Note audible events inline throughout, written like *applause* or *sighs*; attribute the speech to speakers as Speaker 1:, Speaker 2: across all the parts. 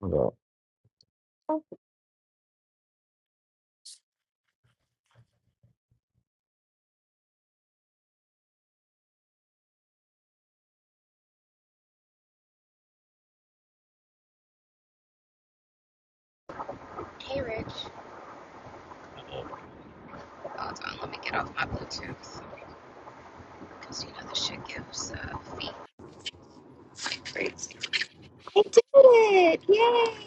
Speaker 1: Well, uh,
Speaker 2: Hey Rich, hold on, let me get off my Bluetooth because you know this shit gives uh, feet crazy. I did it! Yay!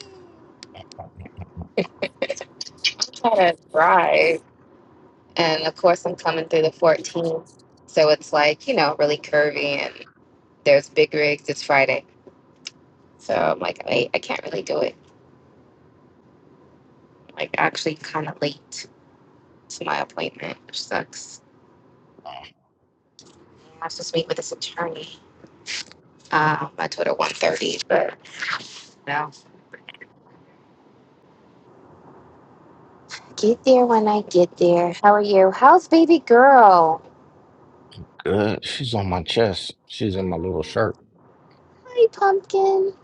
Speaker 2: Try to drive, and of course I'm coming through the 14, so it's like you know really curvy, and there's big rigs. It's Friday, so I'm like I, I can't really do it. Like actually kind of late to my appointment, which sucks. I was supposed to meet with this attorney. Um, I told her 1:30, but no. Get there when I get there. How are you? How's baby girl?
Speaker 1: good. She's on my chest. She's in my little shirt.
Speaker 2: Hi, pumpkin.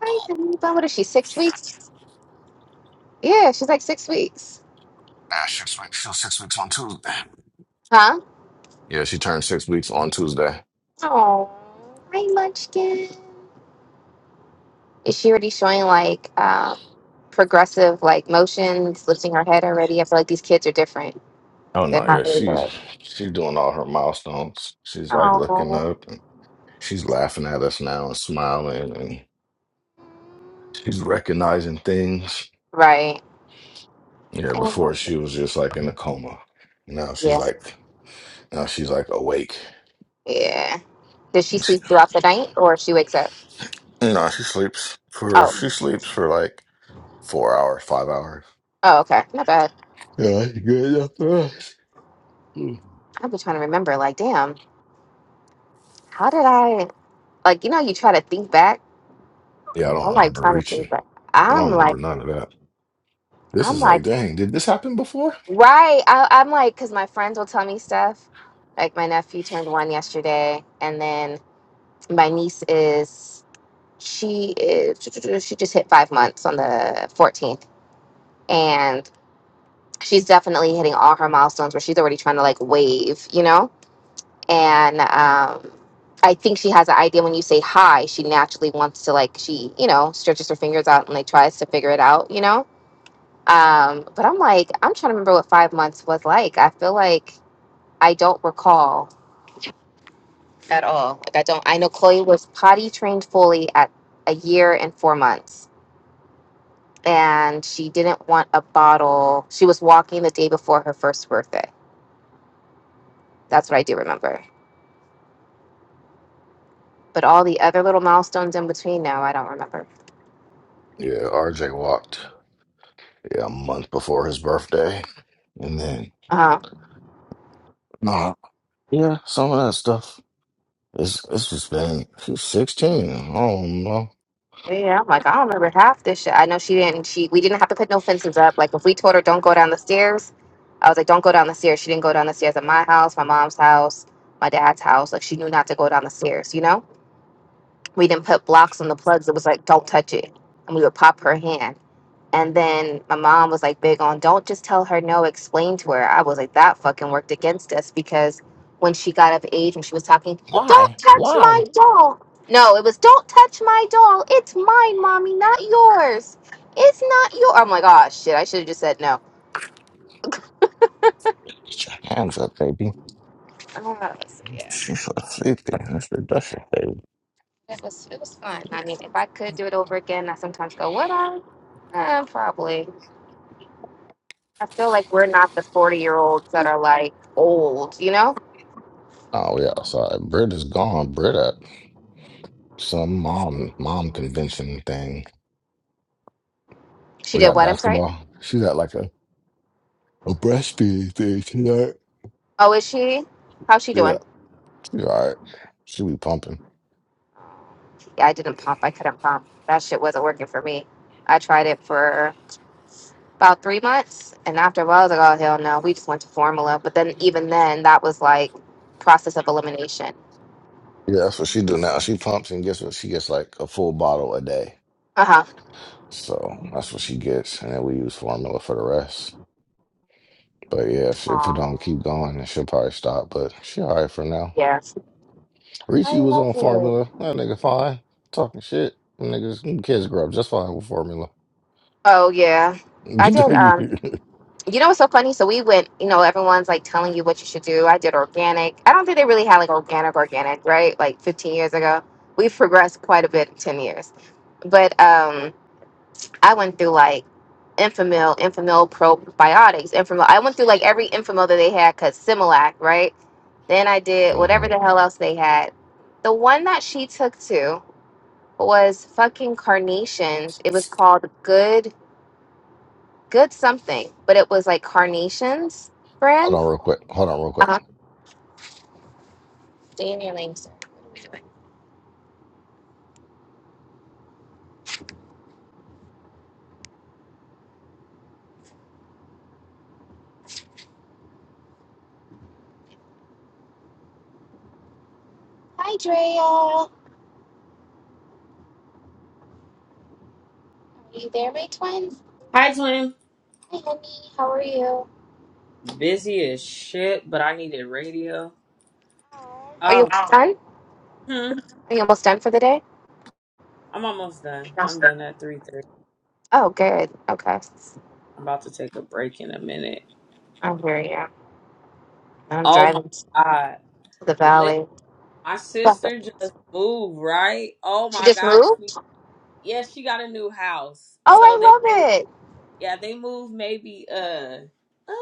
Speaker 2: Hi, honeycomb. What is she? Six weeks? Yeah, she's like six weeks.
Speaker 1: Ah, six weeks. She's six weeks on Tuesday.
Speaker 2: Huh?
Speaker 1: Yeah, she turned six weeks on Tuesday.
Speaker 2: Oh, hi, munchkin. Is she already showing like um, progressive like motions, lifting her head already? I feel like these kids are different.
Speaker 1: Oh
Speaker 2: They're
Speaker 1: no,
Speaker 2: not
Speaker 1: yeah,
Speaker 2: really
Speaker 1: she's
Speaker 2: good.
Speaker 1: she's doing all her milestones. She's like looking
Speaker 2: Oh,
Speaker 1: up and she's laughing at us now and smiling and she's recognizing things.
Speaker 2: right.
Speaker 1: Yeah,
Speaker 2: I love
Speaker 1: before
Speaker 2: it.
Speaker 1: she was just like in a coma. Now she's
Speaker 2: Yeah.
Speaker 1: like now she's like awake.
Speaker 2: Yeah. Does she
Speaker 1: And She,
Speaker 2: sleep throughout the night or she wakes up?
Speaker 1: no, she sleeps for
Speaker 2: Oh.
Speaker 1: she sleeps for like four hours, five hours.
Speaker 2: Oh, okay. Not bad.
Speaker 1: Yeah, that's good. Mm.
Speaker 2: I've been trying to remember. Like, damn. how did I like you know you try to think back?
Speaker 1: Yeah, I
Speaker 2: I'm
Speaker 1: don't
Speaker 2: like
Speaker 1: remember
Speaker 2: trying to
Speaker 1: reaching.
Speaker 2: think back.
Speaker 1: I
Speaker 2: I'm
Speaker 1: don't remember
Speaker 2: like
Speaker 1: none of that. This
Speaker 2: I'm
Speaker 1: is
Speaker 2: like
Speaker 1: like, dang, did this happen before?
Speaker 2: right. I, I'm like because my friends will tell me stuff. Like my nephew turned one yesterday, and then my niece is she is she just hit five months on the 14th, and she's definitely hitting all her milestones where she's already trying to like wave, you know and um, I think she has an idea when you say hi, she naturally wants to like she you know stretches her fingers out and like tries to figure it out, you know. Um, but I'm like I'm trying to remember what five months was like. I feel like I don't recall at all. Like I don't. I know Chloe was potty trained fully at a year and four months, and she didn't want a bottle. She was walking the day before her first birthday. That's what I do remember. But all the other little milestones in between no, I don't remember.
Speaker 1: Yeah, RJ walked, yeah, a month before his birthday. And then,
Speaker 2: Um,
Speaker 1: nah, yeah, some of that stuff. It's, it's just been, she's 16. I don't know.
Speaker 2: Yeah, I'm like, I don't remember half this shit. I know she didn't. She we didn't have to put no fences up. Like if we told her don't go down the stairs, I was like, don't go down the stairs. She didn't go down the stairs at my house, my mom's house, my dad's house. Like she knew not to go down the stairs. You know, we didn't put blocks on the plugs. It was like, don't touch it, and we would pop her hand. And then my mom was like big on don't just tell her no, explain to her. I was like, that fucking worked against us because when she got of age and she was talking,
Speaker 1: Why?
Speaker 2: don't touch my
Speaker 1: Why?
Speaker 2: doll. No, it was don't touch my doll. It's mine, mommy, not yours. It's not your. I'm like, oh shit, I should have just said no.
Speaker 1: Get your hands up, baby.
Speaker 2: Uh, so yeah,
Speaker 1: She's so sleepy. Mr. Dusty, baby.
Speaker 2: it was it was fun. I mean, if I could do it over again, I sometimes go, would I? Uh, probably. I feel like we're not the 40 year olds that are like old, you know?
Speaker 1: Oh, yeah, sorry. Britt is gone. Britt at some mom mom convention thing.
Speaker 2: She
Speaker 1: We
Speaker 2: did
Speaker 1: got
Speaker 2: what? I'm sorry.
Speaker 1: basketball. She's at like a A breastfeeding thing tonight.
Speaker 2: Oh, is she? How's she
Speaker 1: Yeah,
Speaker 2: doing?
Speaker 1: she all right. She be pumping.
Speaker 2: Yeah, I didn't pump. I couldn't pump. That shit wasn't working for me. I tried it for about three months, and after a while, I was like, "Oh hell no!" We just went to formula. But then, even then, that was like process of elimination.
Speaker 1: Yeah, that's what she do now. She pumps and guess what? She gets like a full bottle a day.
Speaker 2: Uh huh.
Speaker 1: So that's what she gets, and then we use formula for the rest. But yeah, if, if it
Speaker 2: Aw,
Speaker 1: don't keep going, then she'll probably stop. But she all right for now.
Speaker 2: Yeah. I
Speaker 1: Richie was
Speaker 2: love
Speaker 1: on
Speaker 2: it.
Speaker 1: formula. That nigga fine. Talking shit. Them Niggas, them kids grow up just fine with formula.
Speaker 2: Oh yeah, I did. Um,
Speaker 1: *laughs*
Speaker 2: you know what's so funny? So we went. You know, everyone's like telling you what you should do. I did organic. I don't think they really had like organic, organic, right? Like 15 years ago. We've progressed quite a bit in 10 years, but um. I went through like Infamil, Infamil probiotics, Infamil. I went through like every Infamil that they had, cause Similac, right? Then I did whatever
Speaker 1: Mhm.
Speaker 2: the hell else they had. The one that she took to was fucking carnations. It was called Good Good something, but it was like carnations
Speaker 1: Hold
Speaker 2: brand.
Speaker 1: on real quick. Hold on real quick.
Speaker 2: Uh-huh. Stay in your lane, sir. Hi, Drea. Are you there, my twins?
Speaker 3: Hi, twin.
Speaker 2: Hi, honey. How are you?
Speaker 3: Busy as shit, but I needed radio.
Speaker 2: Are you
Speaker 3: Oh,
Speaker 2: almost done?
Speaker 3: hmm.
Speaker 2: Are you almost done for the day?
Speaker 3: I'm almost done. I'm done at three thirty.
Speaker 2: Oh, good. Okay.
Speaker 3: I'm about to take a break in a minute.
Speaker 2: I hear you. I'm
Speaker 3: Oh my
Speaker 2: driving to
Speaker 3: god,
Speaker 2: the
Speaker 3: Lit
Speaker 2: valley.
Speaker 3: my
Speaker 2: *laughs*
Speaker 3: sister just moved, right? Oh
Speaker 2: she
Speaker 3: my
Speaker 2: just
Speaker 3: god, she,
Speaker 2: moved?
Speaker 3: yeah, she got a new house. So they
Speaker 2: Oh,
Speaker 3: moved.
Speaker 2: I love it.
Speaker 3: Yeah, they moved maybe uh uh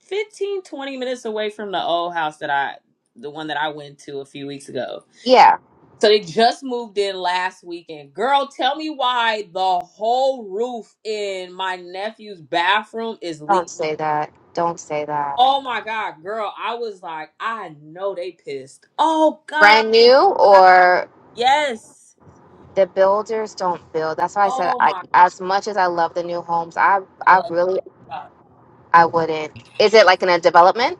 Speaker 3: 15, 20 minutes away from the old house that I, the one that I went to a few weeks ago.
Speaker 2: Yeah.
Speaker 3: So they just moved in last weekend. Girl, tell me why the whole roof in my nephew's bathroom is
Speaker 2: Don't
Speaker 3: leaking.
Speaker 2: say that. Don't say that.
Speaker 3: Oh my God, girl. I was like, I know they pissed. Oh God. I
Speaker 2: Brand
Speaker 3: would've
Speaker 2: new
Speaker 3: been-
Speaker 2: or
Speaker 3: Yes.
Speaker 2: the builders don't build. That's why I said
Speaker 3: Oh
Speaker 2: I,
Speaker 3: my
Speaker 2: as much as I love the new homes, I
Speaker 3: God.
Speaker 2: I really
Speaker 3: Alexa.
Speaker 2: I wouldn't. Is it like in a development?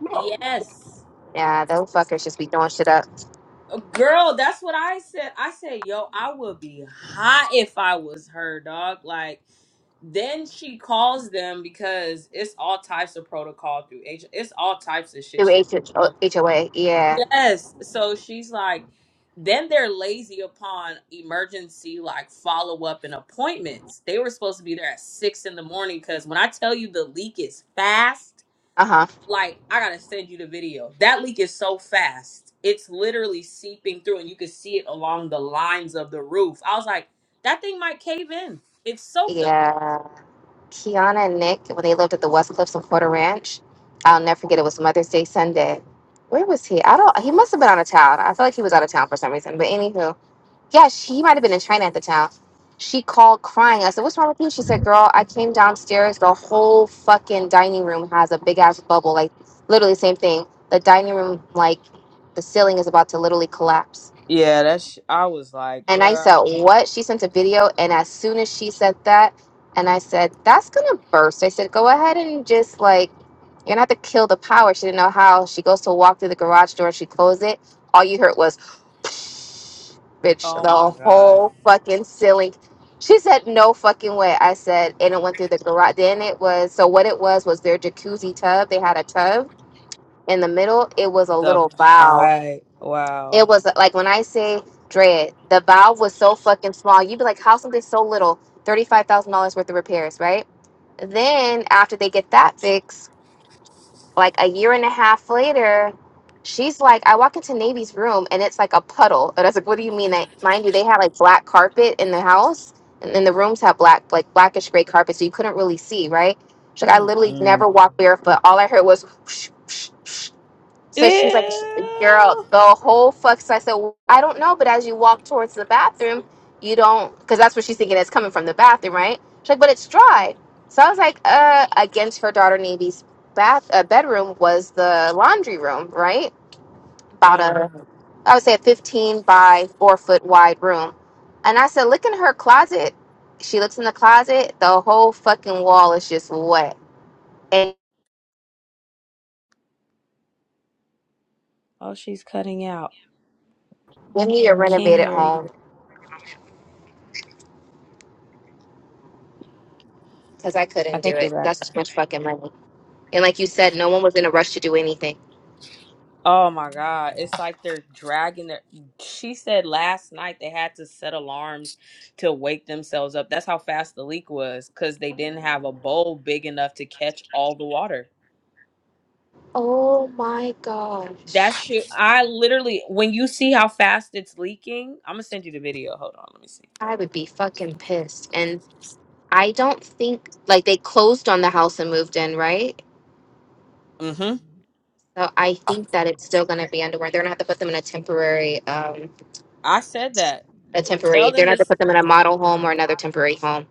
Speaker 1: What
Speaker 3: Yes.
Speaker 2: Yeah, those fuckers just be throwing shit up
Speaker 3: Girl, that's what I said. I said, yo, I would be hot if I was her, dog. Like, Then she calls them because it's all types of protocol through agent. It's all types of shit
Speaker 2: through
Speaker 3: she. go
Speaker 2: H- HOA.
Speaker 3: through.
Speaker 2: Yeah.
Speaker 3: Yes. So she's like, then they're lazy upon emergency like follow up and appointments. They were supposed to be there at six in the morning because when I tell you the leak is fast,
Speaker 2: Uh huh.
Speaker 3: like I gotta send you the video. That leak is so fast. It's literally seeping through and you can see it along the lines of the roof. I was like, that thing might cave in. It's so
Speaker 2: Yeah. Kiana and Nick when they lived at the West Cliffs in Florida Ranch. I'll never forget. It was Mother's Day Sunday. Where was he? I don't. He must have been out of town. I feel like he was out of town for some reason. But anywho, yeah, she, he might have been in China at the time. She called crying. I said, "What's wrong with you?" She said, "Girl, I came downstairs. The whole fucking dining room has a big ass bubble. Like literally, same thing. The dining room, like the ceiling is about to literally collapse."
Speaker 3: Yeah, that's. I was like,
Speaker 2: And I
Speaker 3: bruh,
Speaker 2: said, What? She sent a video. And as soon as she said that, and I said, That's going to burst. I said, Go ahead and just like, you're going to have to kill the power. She didn't know how. She goes to walk through the garage door. She closed it. All you heard was, *laughs* bitch,
Speaker 3: oh
Speaker 2: the
Speaker 3: my god,
Speaker 2: whole fucking ceiling. She said, No fucking way. I said, And it went through the garage. Then it was, so what it was was their jacuzzi tub. They had a tub in the middle. It was a
Speaker 3: the
Speaker 2: little valve.
Speaker 3: pie.
Speaker 2: It
Speaker 3: Wow.
Speaker 2: was like when I say dread, the valve was so fucking small. You'd be like, how something so little? $35,000 worth of repairs, right? Then after they get that fixed, like a year and a half later, she's like, I walk into Navy's room and it's like a puddle. And I was like, what do you mean? That mind you, they had like black carpet in the house, and then the rooms have black, like blackish gray carpet, so you couldn't really see, right? She's like, I literally
Speaker 3: Mm-mm.
Speaker 2: never walked barefoot. All I heard was, whoosh, whoosh, whoosh. So she's like, "Sh- girl,
Speaker 3: Ew.
Speaker 2: the whole fuck. So I said, well, I don't know, but as you walk towards the bathroom, you don't, because that's what she's thinking is coming from the bathroom, right? She's like, but it's dry. So I was like, uh, against her daughter Navy's bath uh, bedroom was the laundry room, right? About
Speaker 3: Uh,
Speaker 2: a, I would say a 15 by four foot wide room. And I said, look in her closet. She looks in the closet. The whole fucking wall is just wet. And
Speaker 3: oh, she's cutting out.
Speaker 2: we need a
Speaker 3: Can't
Speaker 2: renovated
Speaker 3: hear
Speaker 2: home
Speaker 3: you.
Speaker 2: because I
Speaker 3: I
Speaker 2: couldn't do
Speaker 3: think you're
Speaker 2: it.
Speaker 3: back.
Speaker 2: That's too much fucking money. And like you said, no one was in a rush to do anything.
Speaker 3: Oh my god, it's like they're dragging their. She said last night they had to set alarms to wake themselves up. That's how fast the leak was because they didn't have a bowl big enough to catch all the water.
Speaker 2: Oh my
Speaker 3: That
Speaker 2: gosh.
Speaker 3: shit, I literally, when you see how fast it's leaking, I'm gonna send you the video. Hold on, let me see.
Speaker 2: I would be fucking pissed. And I don't think, like, they closed on the house and moved in, right?
Speaker 3: Mm-hmm.
Speaker 2: So I think that it's still going to be under warrant. They're going to have to put them in a temporary, um,
Speaker 3: I said that.
Speaker 2: a
Speaker 3: Tell
Speaker 2: temporary, they're
Speaker 3: them
Speaker 2: going to have to
Speaker 3: this.
Speaker 2: put them in a model home or another temporary home.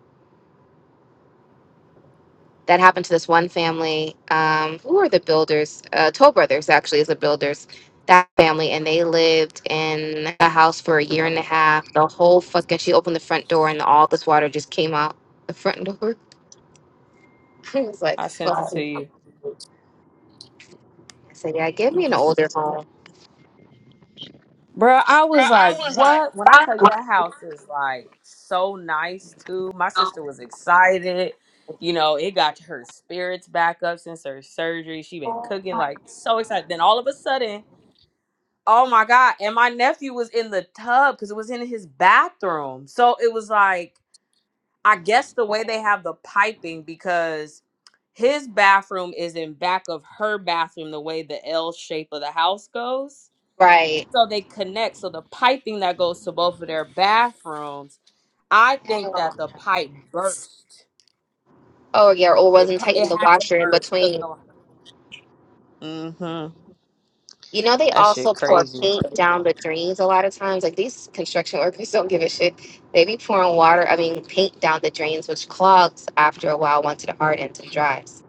Speaker 2: that happened to this one family. Um, who are the builders? Uh, Toll Brothers actually is the builders. That family, and they lived in a house for a year and a half. The whole fucking she opened the front door, and all this water just came out the front door. *laughs* I was like,
Speaker 3: I sent it
Speaker 2: fuck.
Speaker 3: to you.
Speaker 2: I said, yeah, give
Speaker 3: I'm
Speaker 2: me an
Speaker 3: just,
Speaker 2: older home,
Speaker 3: bro. I was like, what? When I tell you that house is like so nice too. My sister was excited. You know, it got her spirits back up since her surgery. She been cooking like so excited. Then all of a sudden, oh my god! And my nephew was in the tub because it was in his bathroom. So it was like. I guess the way they have the piping because his bathroom is in back of her bathroom the way the L shape of the house goes.
Speaker 2: right?
Speaker 3: So they connect. So the piping that goes to both of their bathrooms, I think that
Speaker 2: Hell.
Speaker 3: the pipe burst.
Speaker 2: Oh yeah, or
Speaker 3: It
Speaker 2: wasn't
Speaker 3: pro- it
Speaker 2: tighten the
Speaker 3: had to
Speaker 2: washer in
Speaker 3: burst because
Speaker 2: between.
Speaker 3: no. mm Mhm.
Speaker 2: You know, they
Speaker 3: That shit
Speaker 2: also pour
Speaker 3: crazy.
Speaker 2: paint down the drains a lot of times. Like these construction *laughs* workers don't give a shit. They be pouring water, I mean, paint down the drains, which clogs after a while once it hardens and dries.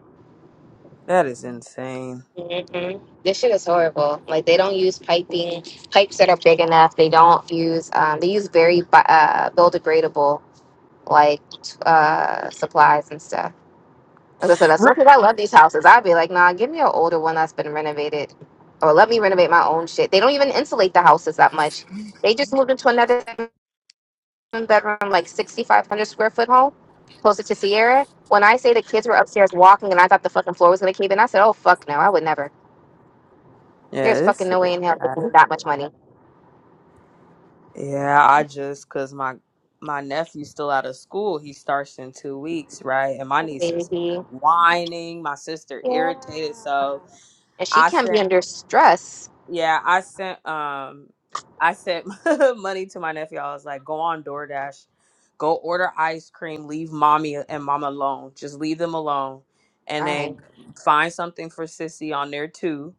Speaker 3: That is insane.
Speaker 2: hmm This shit is horrible. Like they don't use piping, pipes that are big enough. They don't use, um, they use very bi- uh, biodegradable like t- uh, supplies and stuff. As I said, as much
Speaker 3: Re-
Speaker 2: as I love these houses, I'd be like, nah, give me an older one that's been renovated. Or let me renovate my own shit. They don't even insulate the houses that much. They just moved into another bedroom, like 6,500 square foot home closer to Sierra. When I say the kids were upstairs walking and I thought the fucking floor was going to cave in, I said, oh, fuck no, I would never. There's
Speaker 3: yeah, this
Speaker 2: fucking no way
Speaker 3: shit.
Speaker 2: in hell with that much money.
Speaker 3: Yeah, I just cause my my nephew's still out of school. He starts in two weeks, right? And my niece is
Speaker 2: Baby.
Speaker 3: whining. My sister
Speaker 2: Yeah.
Speaker 3: irritated. So
Speaker 2: And she
Speaker 3: I
Speaker 2: can be
Speaker 3: sent.
Speaker 2: under stress.
Speaker 3: Yeah, I sent um I sent *laughs* money to my nephew. I was like, go on DoorDash, go order ice cream, leave mommy and mom alone. Just leave them alone. And
Speaker 2: Right.
Speaker 3: then find something for Sissy on there too.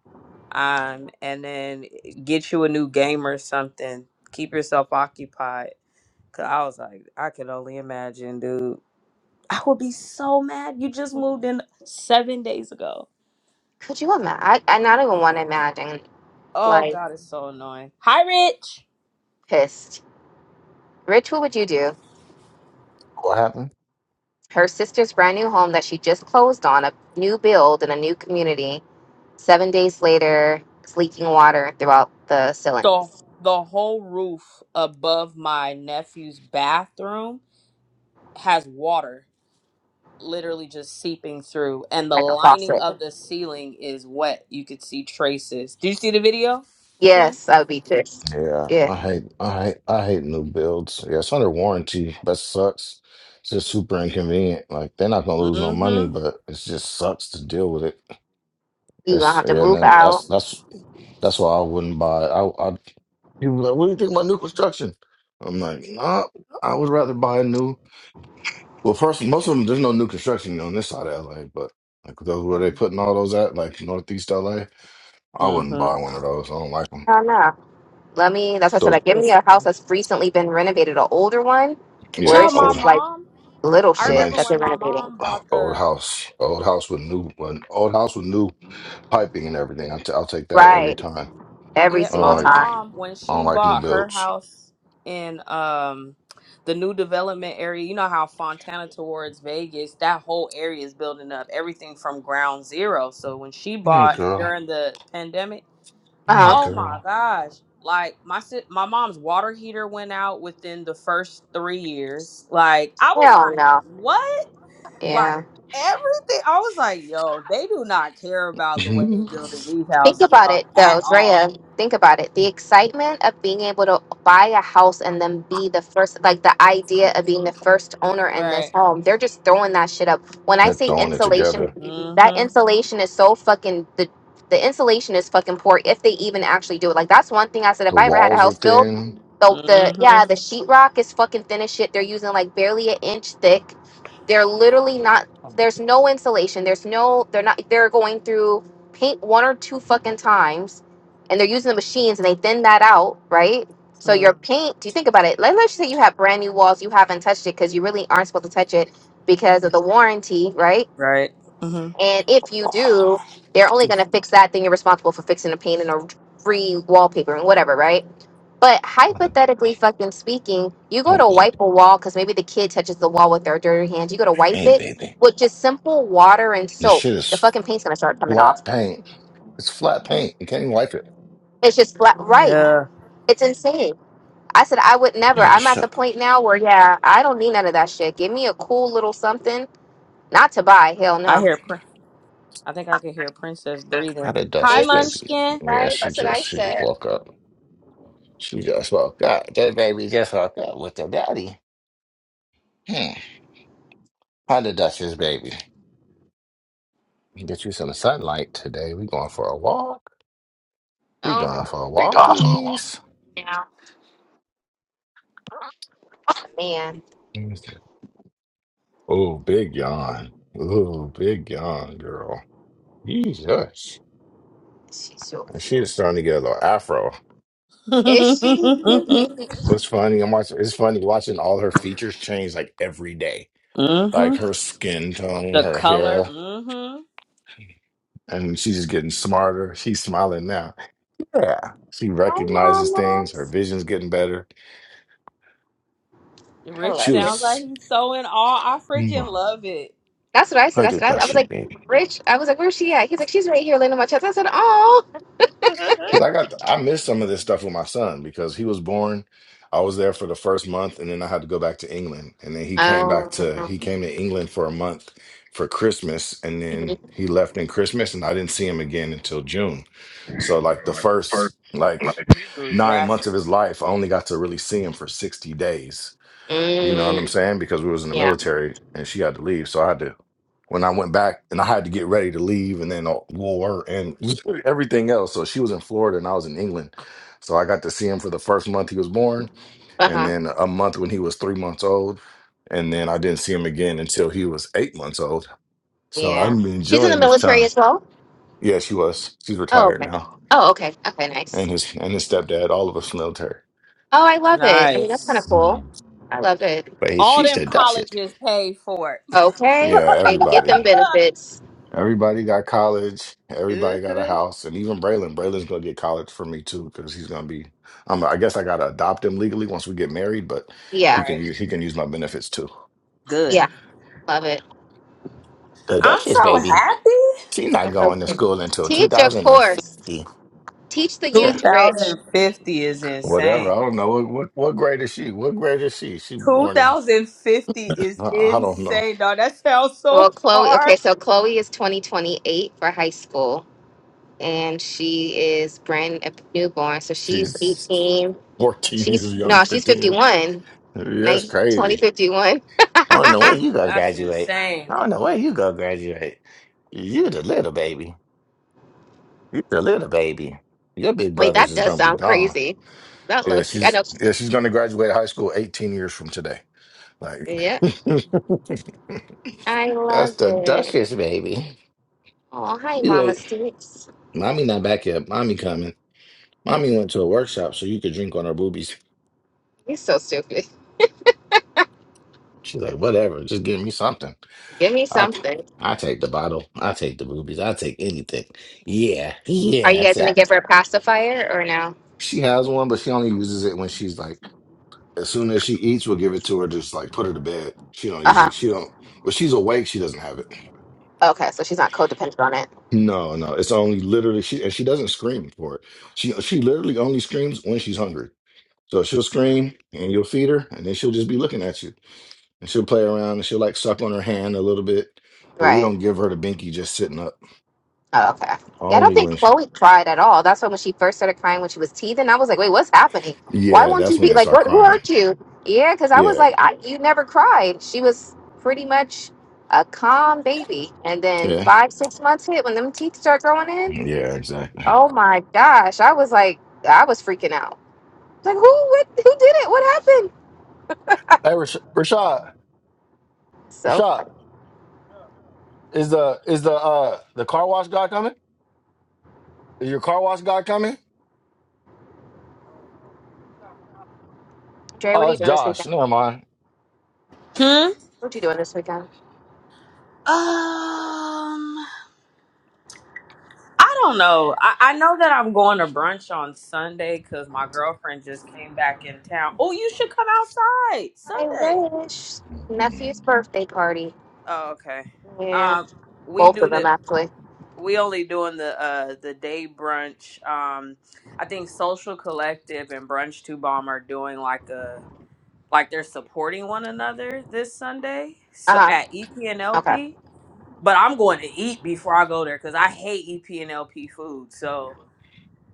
Speaker 3: Um, and then eh, get you a new game or something. Keep yourself occupied. Cause I was like, I could only imagine, dude. I would be so mad. You just moved in seven days ago.
Speaker 2: Could you imagine? I, I not even want to imagine,
Speaker 3: Oh
Speaker 2: like,
Speaker 3: God, it's so annoying. Hi, Rich.
Speaker 2: pissed. Rich, what would you do?
Speaker 1: happened?
Speaker 2: her sister's brand new home that she just closed on, a new build in a new community. Seven days later, it's leaking water throughout the
Speaker 3: the
Speaker 2: ceilings,
Speaker 3: the whole roof above my nephew's bathroom has water literally just seeping through and the
Speaker 2: like a
Speaker 3: lining
Speaker 2: faucet.
Speaker 3: of the ceiling is wet you could see traces do you see the video twin
Speaker 2: Yes, I would be pissed.
Speaker 1: Yeah,
Speaker 2: Yeah,
Speaker 1: I hate, I hate, I hate new builds. Yeah, it's under warranty. That sucks. It's just super inconvenient. Like they're not gonna lose no money,
Speaker 3: mm-hmm
Speaker 1: but it just sucks to deal with it.
Speaker 2: you gonna
Speaker 1: That's
Speaker 2: have to
Speaker 1: yeah, and
Speaker 2: move
Speaker 1: then
Speaker 2: out.
Speaker 1: that's that's that's why I wouldn't buy. I, I people be like, what do you think about new construction? I'm like, nah, I would rather buy a new. Well, first, most of them there's no new construction on this side of LA, but like those where they putting all those at, like northeast LA, I wouldn't
Speaker 3: mm-hmm
Speaker 1: buy one of those. I don't like them.
Speaker 2: I don't know. Let me. That's what I said.
Speaker 1: Those,
Speaker 2: Like, give me a house
Speaker 3: listen
Speaker 2: that's recently been renovated, an older one, or
Speaker 1: yeah,
Speaker 3: child
Speaker 2: it's
Speaker 3: my
Speaker 1: old,
Speaker 2: just like
Speaker 3: mom
Speaker 2: little
Speaker 3: i
Speaker 1: a
Speaker 2: shit
Speaker 3: remember
Speaker 2: that
Speaker 1: nice.
Speaker 3: when
Speaker 2: they're
Speaker 3: my
Speaker 2: renovating.
Speaker 3: mom bought
Speaker 1: *sighs* Old
Speaker 3: the
Speaker 1: house, old house with new, an old house with new piping and everything. I t- I'll take that every
Speaker 2: Right,
Speaker 1: time.
Speaker 2: every
Speaker 3: Yeah,
Speaker 1: I don't
Speaker 2: single
Speaker 3: my
Speaker 1: like,
Speaker 2: time.
Speaker 3: mom when
Speaker 1: I don't
Speaker 3: she
Speaker 1: like new
Speaker 3: bought her
Speaker 1: builds.
Speaker 3: house in um the new development area, you know how Fontana towards Vegas, that whole area is building up everything from ground zero. So when she
Speaker 1: Hey
Speaker 3: bought
Speaker 1: girl,
Speaker 3: during the pandemic,
Speaker 2: Uh huh.
Speaker 1: hey
Speaker 3: oh my
Speaker 1: girl.
Speaker 3: gosh, like my si- my mom's water heater went out within the first 3 years. Like I was
Speaker 2: Hell
Speaker 3: like,
Speaker 2: no.
Speaker 3: "What?" Like
Speaker 2: Yeah.
Speaker 3: everything I was like, "Yo, they do not care
Speaker 1: *laughs*
Speaker 3: about the way they're
Speaker 1: They're
Speaker 3: building these
Speaker 2: Think
Speaker 3: houses,
Speaker 2: about
Speaker 3: dog,
Speaker 2: it
Speaker 3: at
Speaker 2: though,
Speaker 3: all,
Speaker 2: Drea. Think about it. The excitement of being able to buy a house and then be the first, like the idea of being the first owner
Speaker 3: right?
Speaker 2: in this home, they're just throwing that shit up. When I say
Speaker 1: throwing it
Speaker 2: insulation,
Speaker 1: together.
Speaker 2: that
Speaker 3: Mhm.
Speaker 2: insulation is so fucking, the, the insulation is fucking poor if they even actually do it. Like, that's one thing I said. If
Speaker 1: The
Speaker 2: I ever had a
Speaker 1: walls are
Speaker 2: house built,
Speaker 1: thin.
Speaker 2: the, the yeah,
Speaker 3: Mhm.
Speaker 2: the sheetrock is fucking thin as shit. They're using like barely an inch thick. They're literally not, there's no insulation. There's no, they're not, they're going through paint one or two fucking times and they're using the machines and they thin that out, right? So
Speaker 3: Mm.
Speaker 2: your paint, do you think about it? Let, let's say you have brand new walls, you haven't touched it because you really aren't supposed to touch it because of the warranty, right?
Speaker 3: Right. Mhm.
Speaker 2: And if you
Speaker 1: Oh
Speaker 2: do, they're only going to fix that, then you're responsible for fixing the paint and a free wallpaper and whatever, right? But hypothetically fucking speaking, you go
Speaker 1: oh,
Speaker 2: to wipe
Speaker 1: baby,
Speaker 2: a wall because maybe the kid touches the wall with their dirty hands. You go to wipe
Speaker 1: hey
Speaker 2: it
Speaker 1: baby.
Speaker 2: with just simple water and
Speaker 1: This
Speaker 2: soap.
Speaker 1: shit
Speaker 2: The
Speaker 1: is
Speaker 2: fucking paint's going to start coming off
Speaker 1: flat paint. It's flat paint. You can't even wipe it.
Speaker 2: It's just flat, right?
Speaker 1: *gasps*
Speaker 3: Yeah.
Speaker 2: It's insane. I said I would never.
Speaker 1: Yeah,
Speaker 2: I'm
Speaker 1: just
Speaker 2: at the
Speaker 1: shook.
Speaker 2: point now where yeah, I don't need none of that shit. Give me a cool little something, not to buy. Hell
Speaker 3: I
Speaker 2: no.
Speaker 3: hear. Prin- I think I can hear Princess
Speaker 1: How
Speaker 3: breathing.
Speaker 1: did
Speaker 3: Hi,
Speaker 1: Duchess
Speaker 2: Isn't
Speaker 1: baby?
Speaker 2: she
Speaker 3: Munchkin.
Speaker 1: Yeah,
Speaker 2: right?
Speaker 1: she
Speaker 2: That's what I
Speaker 1: just, she just
Speaker 2: said.
Speaker 1: woke up. She just woke up. That baby just woke up with the daddy. Hmm. Hi, the Duchess, baby. You Get you some sunlight today. We going for a walk. We
Speaker 2: Oh
Speaker 1: going for walkies.
Speaker 2: yeah, man,
Speaker 1: Oh, big yawn. Oh, big yawn, girl. Jesus.
Speaker 2: she's so
Speaker 1: And
Speaker 2: cute.
Speaker 1: She's starting to get a little afro.
Speaker 3: *laughs*
Speaker 2: Is she? *laughs*
Speaker 3: mhm.
Speaker 1: It's funny. I'm watching. It's funny watching all her features change like every day. Like her skin tone,
Speaker 3: The
Speaker 1: her
Speaker 3: color.
Speaker 1: hair,
Speaker 3: Mhm.
Speaker 1: and she's just getting smarter. She's smiling now. Yeah, she
Speaker 2: Hi,
Speaker 1: recognizes things. Her
Speaker 2: mamas.
Speaker 1: vision's getting better.
Speaker 2: I
Speaker 3: Rich
Speaker 1: She
Speaker 2: love
Speaker 3: sounds
Speaker 2: this.
Speaker 3: like
Speaker 1: was.
Speaker 3: he's so in awe. I freaking
Speaker 1: Hi,
Speaker 3: love it.
Speaker 2: That's what I said. I
Speaker 1: the
Speaker 2: said I, I was
Speaker 1: Duchess,
Speaker 2: like,
Speaker 1: baby.
Speaker 2: Rich. I was like, where's she at? He's like, she's right here, laying on my chest. I said, oh.
Speaker 3: *laughs*
Speaker 1: Because I got, I missed some of this stuff with my son because he was born. I was there for the first month, and then I had to go back to England. And then he came back to,
Speaker 2: Um.
Speaker 1: he came to England for a month for Christmas, and
Speaker 2: *laughs*
Speaker 1: then
Speaker 2: mhm.
Speaker 1: he left in Christmas, and I didn't see him again until June. So like the first like
Speaker 3: He grew
Speaker 1: nine months
Speaker 3: drastically.
Speaker 1: of his life, I only got to really see him for sixty days. You know what I'm
Speaker 2: mm,
Speaker 1: saying? Because we was in the
Speaker 2: yeah.
Speaker 1: military and she had to leave. So I had to when I went back and I had to get ready to leave and then uh, war and *laughs* everything else. So she was in Florida and I was in England. So I got to see him for the first month he was born
Speaker 2: Uh
Speaker 1: and
Speaker 2: huh.
Speaker 1: then a month when he was three months old. And then I didn't see him again until he was eight months old. So
Speaker 2: Yeah.
Speaker 1: I'm
Speaker 2: She's in the
Speaker 1: enjoying this
Speaker 2: military
Speaker 1: time.
Speaker 2: as well.
Speaker 1: Yeah, she was. She's
Speaker 2: Oh,
Speaker 1: retired
Speaker 2: okay.
Speaker 1: now.
Speaker 2: Oh, okay. Okay, nice.
Speaker 1: And his and his stepdad, all of us military.
Speaker 2: Oh, I love it. I mean, that's kind of
Speaker 3: Nice.
Speaker 2: cool.
Speaker 1: Mhm.
Speaker 2: I love it.
Speaker 1: But he,
Speaker 3: All
Speaker 1: she
Speaker 3: them
Speaker 1: said, that's it.
Speaker 3: colleges paid for it. *laughs*
Speaker 2: Okay,
Speaker 1: Yeah,
Speaker 2: baby, get them
Speaker 1: everybody.
Speaker 2: benefits.
Speaker 1: Everybody got college. Everybody got a
Speaker 3: Mhm.
Speaker 1: house, and even Braylon. Braylon's gonna get college for me too, because he's gonna be. Um, I guess I gotta adopt him legally once we get married, but he
Speaker 2: Yeah,
Speaker 1: can
Speaker 3: right.
Speaker 1: use he can use my benefits too.
Speaker 3: Good.
Speaker 2: yeah, love it.
Speaker 1: The
Speaker 3: I'm
Speaker 1: Duchess
Speaker 3: so
Speaker 1: baby,
Speaker 3: happy.
Speaker 1: she's not going to school until
Speaker 2: Teach, of course.
Speaker 1: 2050.
Speaker 2: Teach the
Speaker 1: Yeah,
Speaker 2: youth, Rich.
Speaker 3: 2050 is insane.
Speaker 1: whatever. I don't know what what, what grade is she? What grade is she? She born in
Speaker 3: 2050 is
Speaker 1: I I don't know.
Speaker 3: insane, dog. That sounds so
Speaker 2: Well, Chloe. Okay,
Speaker 3: far.
Speaker 2: so Chloe is twenty twenty eight for high school, and she is brand a newborn. So she's
Speaker 1: She's
Speaker 2: eighteen.
Speaker 1: 14 years
Speaker 2: She's
Speaker 1: young,
Speaker 2: no, she's
Speaker 1: 15
Speaker 2: fifty
Speaker 1: years.
Speaker 2: one.
Speaker 1: Yeah, That's
Speaker 2: Right, twenty
Speaker 1: crazy.
Speaker 2: fifty one.
Speaker 1: I don't know when
Speaker 2: *laughs*
Speaker 1: you gonna
Speaker 3: That's
Speaker 1: graduate.
Speaker 3: insane.
Speaker 1: I don't know when you gonna graduate. You the little baby. You the little baby. Your big
Speaker 2: Wait,
Speaker 1: brother's
Speaker 2: that
Speaker 1: is
Speaker 2: does
Speaker 1: gonna be
Speaker 2: sound
Speaker 1: gone.
Speaker 2: crazy. That
Speaker 1: Yeah,
Speaker 2: look. I
Speaker 1: she's
Speaker 2: know.
Speaker 1: yeah, she's gonna graduate high school 18 years from today. Like
Speaker 2: Yeah.
Speaker 1: *laughs*
Speaker 2: I
Speaker 1: That's
Speaker 2: love
Speaker 1: the
Speaker 2: it.
Speaker 1: Duchess, baby.
Speaker 2: Oh, hi,
Speaker 1: You
Speaker 2: Mama
Speaker 1: wait.
Speaker 2: Stoops.
Speaker 1: Mommy not back yet. Mommy coming. Mommy went to a workshop so you could drink on her boobies.
Speaker 2: You're so stupid.
Speaker 1: She's like, whatever, just give me something.
Speaker 2: Give me
Speaker 1: I
Speaker 2: something.
Speaker 1: I take the bottle. I take the boobies. I take anything. Yeah,
Speaker 2: Are you
Speaker 1: yeah.
Speaker 2: guys
Speaker 1: See,
Speaker 2: gonna
Speaker 1: I,
Speaker 2: give her a pacifier or no?
Speaker 1: She has one, but she only uses it when she's like, as soon as she eats, we'll give it to her, just like put her to bed. She don't
Speaker 2: Uh huh.
Speaker 1: usually, she don't, when she's awake, she doesn't have it.
Speaker 2: Okay, so she's not codependent on it,
Speaker 1: No, no, it's only literally, she, and she doesn't scream for it. She, she literally only screams when she's hungry. So she'll scream and you'll feed her, and then she'll just be looking at you and she'll play around and she'll like suck on her hand a little bit. But we
Speaker 2: right?
Speaker 1: don't give her the binky just sitting up.
Speaker 2: Oh, okay. Yeah, I don't
Speaker 1: Only
Speaker 2: think
Speaker 1: when she,
Speaker 2: Chloe cried at all. That's why when she first started crying when she was teething, I was like, "Wait, what's happening? Why
Speaker 1: yeah,
Speaker 2: won't you
Speaker 1: that's when
Speaker 2: be
Speaker 1: they
Speaker 2: like,
Speaker 1: start
Speaker 2: what? Who
Speaker 1: crying.
Speaker 2: hurt you?" Yeah, because I was
Speaker 1: Yeah,
Speaker 2: like, I, "You never cried." She was pretty much a calm baby, and then
Speaker 1: yeah,
Speaker 2: five, six months hit when them teeth start growing in.
Speaker 1: yeah, exactly.
Speaker 2: Oh my gosh. I was like, I was freaking out. Like, who what, who did it? What happened?
Speaker 1: Hey, Rash- Rashad,
Speaker 2: So,
Speaker 1: Rashad.
Speaker 2: funny.
Speaker 1: Is the is the uh the car wash guy coming? Is your car wash guy coming?
Speaker 2: Dre, what are
Speaker 1: Oh,
Speaker 2: you
Speaker 1: it's
Speaker 2: doing? this-
Speaker 1: Josh. Never mind.
Speaker 3: Hmm?
Speaker 2: What you doing this weekend?
Speaker 3: Um, I don't know. I, I know that I'm going to brunch on Sunday because my girlfriend just came back in town. Oh, you should come outside
Speaker 2: I
Speaker 3: Sunday.
Speaker 2: wish.
Speaker 1: mm
Speaker 2: Nephew's birthday party.
Speaker 3: Oh, okay.
Speaker 2: Yeah.
Speaker 3: Um, we
Speaker 2: Both
Speaker 3: do
Speaker 2: of them,
Speaker 3: the
Speaker 2: actually.
Speaker 3: we only doing the uh the day brunch. Um, I think Social Collective and Brunch Two Bomb are doing like a like they're supporting one another this Sunday. So
Speaker 2: Uh
Speaker 3: at EP and
Speaker 2: huh. Okay.
Speaker 3: LP, but I'm going to eat before I go there because I hate EP and LP food. So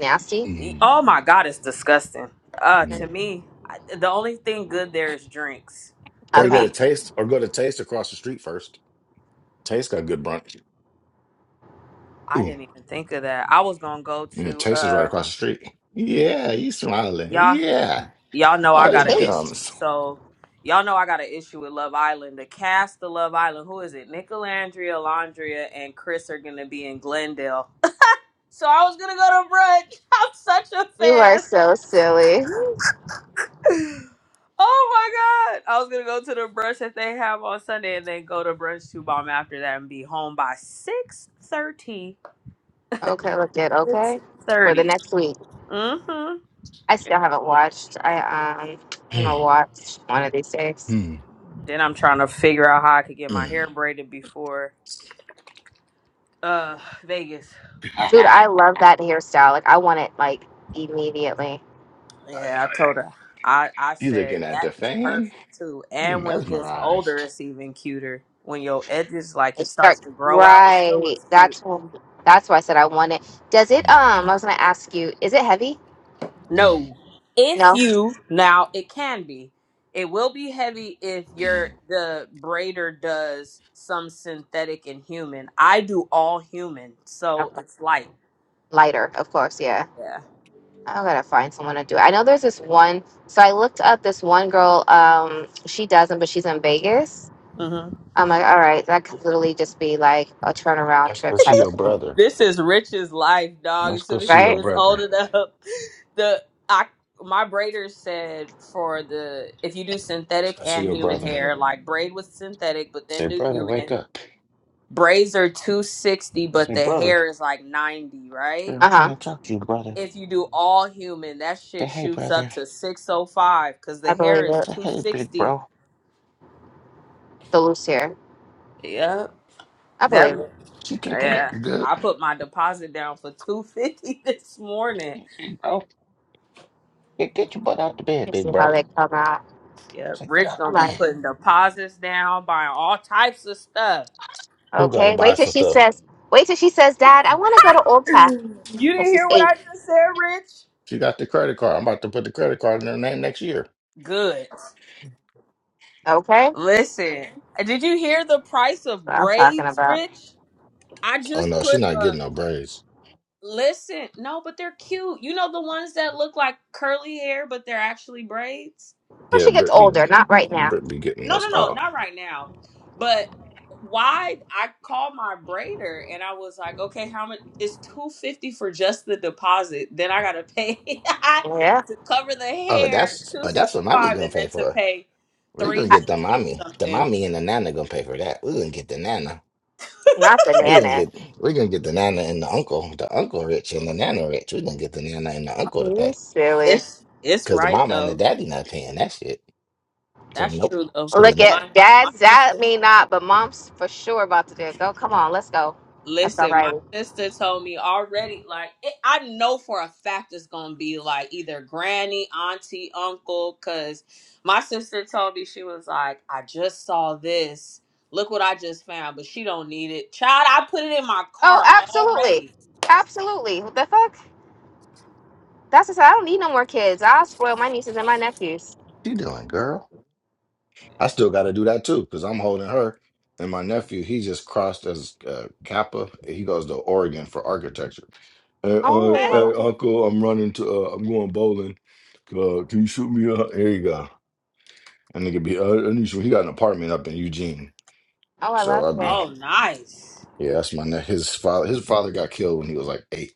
Speaker 2: Nasty?
Speaker 3: e-
Speaker 1: mm.
Speaker 3: oh my god, it's disgusting. Uh,
Speaker 2: Mm.
Speaker 3: to me, I- the only thing good there is drinks.
Speaker 1: Or
Speaker 3: To
Speaker 1: you go
Speaker 2: Okay.
Speaker 1: to
Speaker 3: me,
Speaker 1: Taste, or go to Taste across the street first. Taste got good brunch.
Speaker 3: I
Speaker 1: Ooh,
Speaker 3: didn't even think of that. I was gonna go
Speaker 1: yeah,
Speaker 3: to
Speaker 1: Taste is right
Speaker 3: uh
Speaker 1: across the street. Yeah, he's smiling.
Speaker 3: y'all
Speaker 1: Yeah,
Speaker 3: y'all know I
Speaker 1: all
Speaker 2: The
Speaker 1: the
Speaker 3: got an issue.
Speaker 2: taste.
Speaker 1: gums.
Speaker 3: So y'all know I got an issue with Love Island. The cast of Love Island, who is it? Nicolandria, Landria, and Chris are gonna be in Glendale So I was gonna go to brunch. *laughs* I'm such a
Speaker 2: You are
Speaker 3: fan.
Speaker 2: so silly.
Speaker 3: Oh my god! I was gonna go to the brunch that they have on Sunday, and then go to brunch to bomb after that, and be home by six thirty.
Speaker 2: Okay, look it.
Speaker 3: Six
Speaker 2: Okay. For the
Speaker 3: thirty.
Speaker 2: next week.
Speaker 3: Mm-hmm.
Speaker 2: I still haven't watched. I, um, I'm
Speaker 1: *laughs*
Speaker 2: gonna watch one of these days.
Speaker 1: Mm,
Speaker 3: Then I'm trying to figure out how I could get my
Speaker 1: mm,
Speaker 3: hair braided before uh Vegas.
Speaker 2: Dude,
Speaker 1: mm.
Speaker 2: I love that hairstyle. Like, I want it, like, immediately.
Speaker 3: Yeah,
Speaker 1: *laughs*
Speaker 3: I told her. I I
Speaker 1: you
Speaker 3: said
Speaker 1: looking at
Speaker 3: that
Speaker 1: the
Speaker 3: is
Speaker 1: fan?
Speaker 3: perfect too.
Speaker 1: You
Speaker 3: And when it gets older,
Speaker 1: mesmerized.
Speaker 3: it's even cuter. When your edges like
Speaker 2: It
Speaker 3: it starts
Speaker 2: start
Speaker 3: to grow out, it still
Speaker 2: right.
Speaker 3: looks cute.
Speaker 2: That's when, that's why I said I want it. Does it? Um,
Speaker 1: Mm,
Speaker 2: I was gonna ask you. Is it heavy?
Speaker 1: mm.
Speaker 3: No. If
Speaker 2: No.
Speaker 3: you now it can be. It will be heavy if your the braider does some synthetic and human. I do all human, so
Speaker 2: Okay.
Speaker 3: it's light.
Speaker 2: Lighter, of course. Yeah.
Speaker 3: Yeah.
Speaker 2: I gotta find someone to do it. I know there's this one. So I looked up this one girl. Um, she doesn't, but she's in Vegas.
Speaker 3: hmm
Speaker 2: I'm like, all right, that could literally just be like a turnaround
Speaker 1: Let's go
Speaker 2: trip
Speaker 1: see
Speaker 2: type of
Speaker 1: your
Speaker 2: thing,
Speaker 1: brother.
Speaker 3: This is Rich's life, dog.
Speaker 1: Let's
Speaker 3: As
Speaker 1: go
Speaker 3: soon as
Speaker 1: see
Speaker 3: she
Speaker 1: your
Speaker 2: right?
Speaker 3: gets old
Speaker 1: brother.
Speaker 3: enough, *laughs* the I my braider said for the if you do
Speaker 1: Let's
Speaker 3: synthetic
Speaker 1: go see
Speaker 3: and
Speaker 1: your
Speaker 3: human
Speaker 1: brother.
Speaker 3: hair, like braid with synthetic, but then
Speaker 1: Say,
Speaker 3: do
Speaker 1: brother, wake
Speaker 3: human.
Speaker 1: up.
Speaker 3: Braids are two sixty, but
Speaker 1: Say,
Speaker 3: the
Speaker 1: brother,
Speaker 3: hair is like ninety,
Speaker 1: hey,
Speaker 3: right?
Speaker 1: I'm
Speaker 2: Uh
Speaker 1: trying
Speaker 2: huh.
Speaker 1: to talk to you, brother.
Speaker 3: if you do all human, that
Speaker 1: Say,
Speaker 3: shit
Speaker 1: hey,
Speaker 3: shoots up
Speaker 1: brother.
Speaker 3: to 605 because the
Speaker 2: I
Speaker 3: hair
Speaker 2: believe
Speaker 3: is
Speaker 2: it.
Speaker 1: Say, hey, big
Speaker 3: 260.
Speaker 1: bro.
Speaker 2: The loose here.
Speaker 3: Yeah,
Speaker 2: I
Speaker 3: that
Speaker 2: believe it.
Speaker 1: You kicking it
Speaker 3: yeah.
Speaker 1: good,
Speaker 3: I put my deposit down for 250 *laughs* this morning.
Speaker 1: bro? Get, get your butt out the
Speaker 2: Let
Speaker 1: bed,
Speaker 2: me
Speaker 1: big
Speaker 2: see how
Speaker 1: bro.
Speaker 2: they come out.
Speaker 3: Yeah,
Speaker 1: Say, get
Speaker 3: Rich
Speaker 1: out the
Speaker 2: I'm
Speaker 3: gonna be
Speaker 2: like,
Speaker 1: bed.
Speaker 3: putting deposits down, buying all types of stuff.
Speaker 1: Who got to
Speaker 2: okay.
Speaker 1: buy
Speaker 2: Wait till
Speaker 1: some
Speaker 2: she
Speaker 1: stuff?
Speaker 2: says. Wait till she says, Dad, I want to go to
Speaker 3: *sighs* *laughs*
Speaker 2: Old
Speaker 3: you didn't
Speaker 2: This is
Speaker 3: hear what
Speaker 2: eight.
Speaker 3: I just said, Rich?
Speaker 1: She got the credit card. I'm about to put the credit card in her name next year.
Speaker 3: Good.
Speaker 2: Okay, that's
Speaker 3: Listen, did you hear the price of
Speaker 2: what I'm talking
Speaker 3: braids,
Speaker 2: about.
Speaker 3: Rich? I
Speaker 1: Oh
Speaker 3: just
Speaker 1: no,
Speaker 3: put
Speaker 1: she's not getting no braids.
Speaker 3: Listen, no, but they're cute. You know the ones that look like curly hair, but they're actually braids?
Speaker 2: When
Speaker 1: Yeah,
Speaker 2: she gets
Speaker 1: Britt be
Speaker 2: older, not right now.
Speaker 1: Britt be getting
Speaker 3: No,
Speaker 1: those.
Speaker 3: no, no,
Speaker 1: Oh,
Speaker 3: not right now. But why I called my braider and I was like, okay, how much it's two fifty for just the deposit. Then I gotta pay *laughs*
Speaker 2: Yeah,
Speaker 3: to cover the
Speaker 1: oh, but
Speaker 3: hair,
Speaker 1: that's
Speaker 3: two
Speaker 1: uh, that's
Speaker 3: sixty
Speaker 1: what mommy
Speaker 3: five,
Speaker 1: gonna
Speaker 3: and
Speaker 1: pay
Speaker 3: then to
Speaker 1: for.
Speaker 3: pay
Speaker 1: We're
Speaker 3: three
Speaker 1: gonna
Speaker 2: I,
Speaker 1: get
Speaker 3: hundred
Speaker 1: the mommy.
Speaker 3: or
Speaker 1: The
Speaker 3: something.
Speaker 1: mommy and the nana gonna pay for that. We're gonna get the nana.
Speaker 2: not the
Speaker 1: We're gonna
Speaker 2: nana.
Speaker 1: get we're gonna get the nana and the uncle, the uncle rich and the nana rich. We're gonna get the nana and the uncle to
Speaker 2: You
Speaker 1: pay.
Speaker 2: silly.
Speaker 3: It's it's
Speaker 1: Cause the
Speaker 3: right
Speaker 1: mama and the
Speaker 3: though.
Speaker 1: daddy not paying that shit. Say
Speaker 3: That's
Speaker 1: nope.
Speaker 3: true though.
Speaker 1: Say
Speaker 3: Cause
Speaker 2: Look
Speaker 1: nope.
Speaker 3: my
Speaker 2: at
Speaker 3: my
Speaker 2: dad's dad.
Speaker 3: sister
Speaker 2: Me not, but mom's for sure about to do it. Go, come on, let's go. Let's go,
Speaker 3: Listen, my
Speaker 2: Riley.
Speaker 3: sister told me already, like, it, I know for a fact it's going to be like either granny, auntie, uncle, because my sister told me, she was like, I just saw this. Look what I just found, but she don't need it. Child, I put it in my
Speaker 2: Oh,
Speaker 3: cart
Speaker 2: absolutely,
Speaker 3: already.
Speaker 2: absolutely. What the fuck? That's just, I don't need no more kids. I'll spoil my nieces and my nephews.
Speaker 1: What you doing, girl? I still gotta do that too, because I'm holding her and my nephew, he just crossed as uh, Kappa. He goes to Oregon for architecture. Hey, uh,
Speaker 3: Okay.
Speaker 2: Oh, I
Speaker 1: hey
Speaker 2: love it.
Speaker 1: uncle, I'm running to uh, I'm going bowling. Uh, can you shoot me up? There you go. And nigga be uh, and he he got an apartment up in Eugene.
Speaker 2: Oh, I
Speaker 1: So
Speaker 2: love
Speaker 1: I'll be
Speaker 2: it.
Speaker 3: Oh, nice.
Speaker 1: Yeah, that's my ne His father, his father got killed when he was like eight.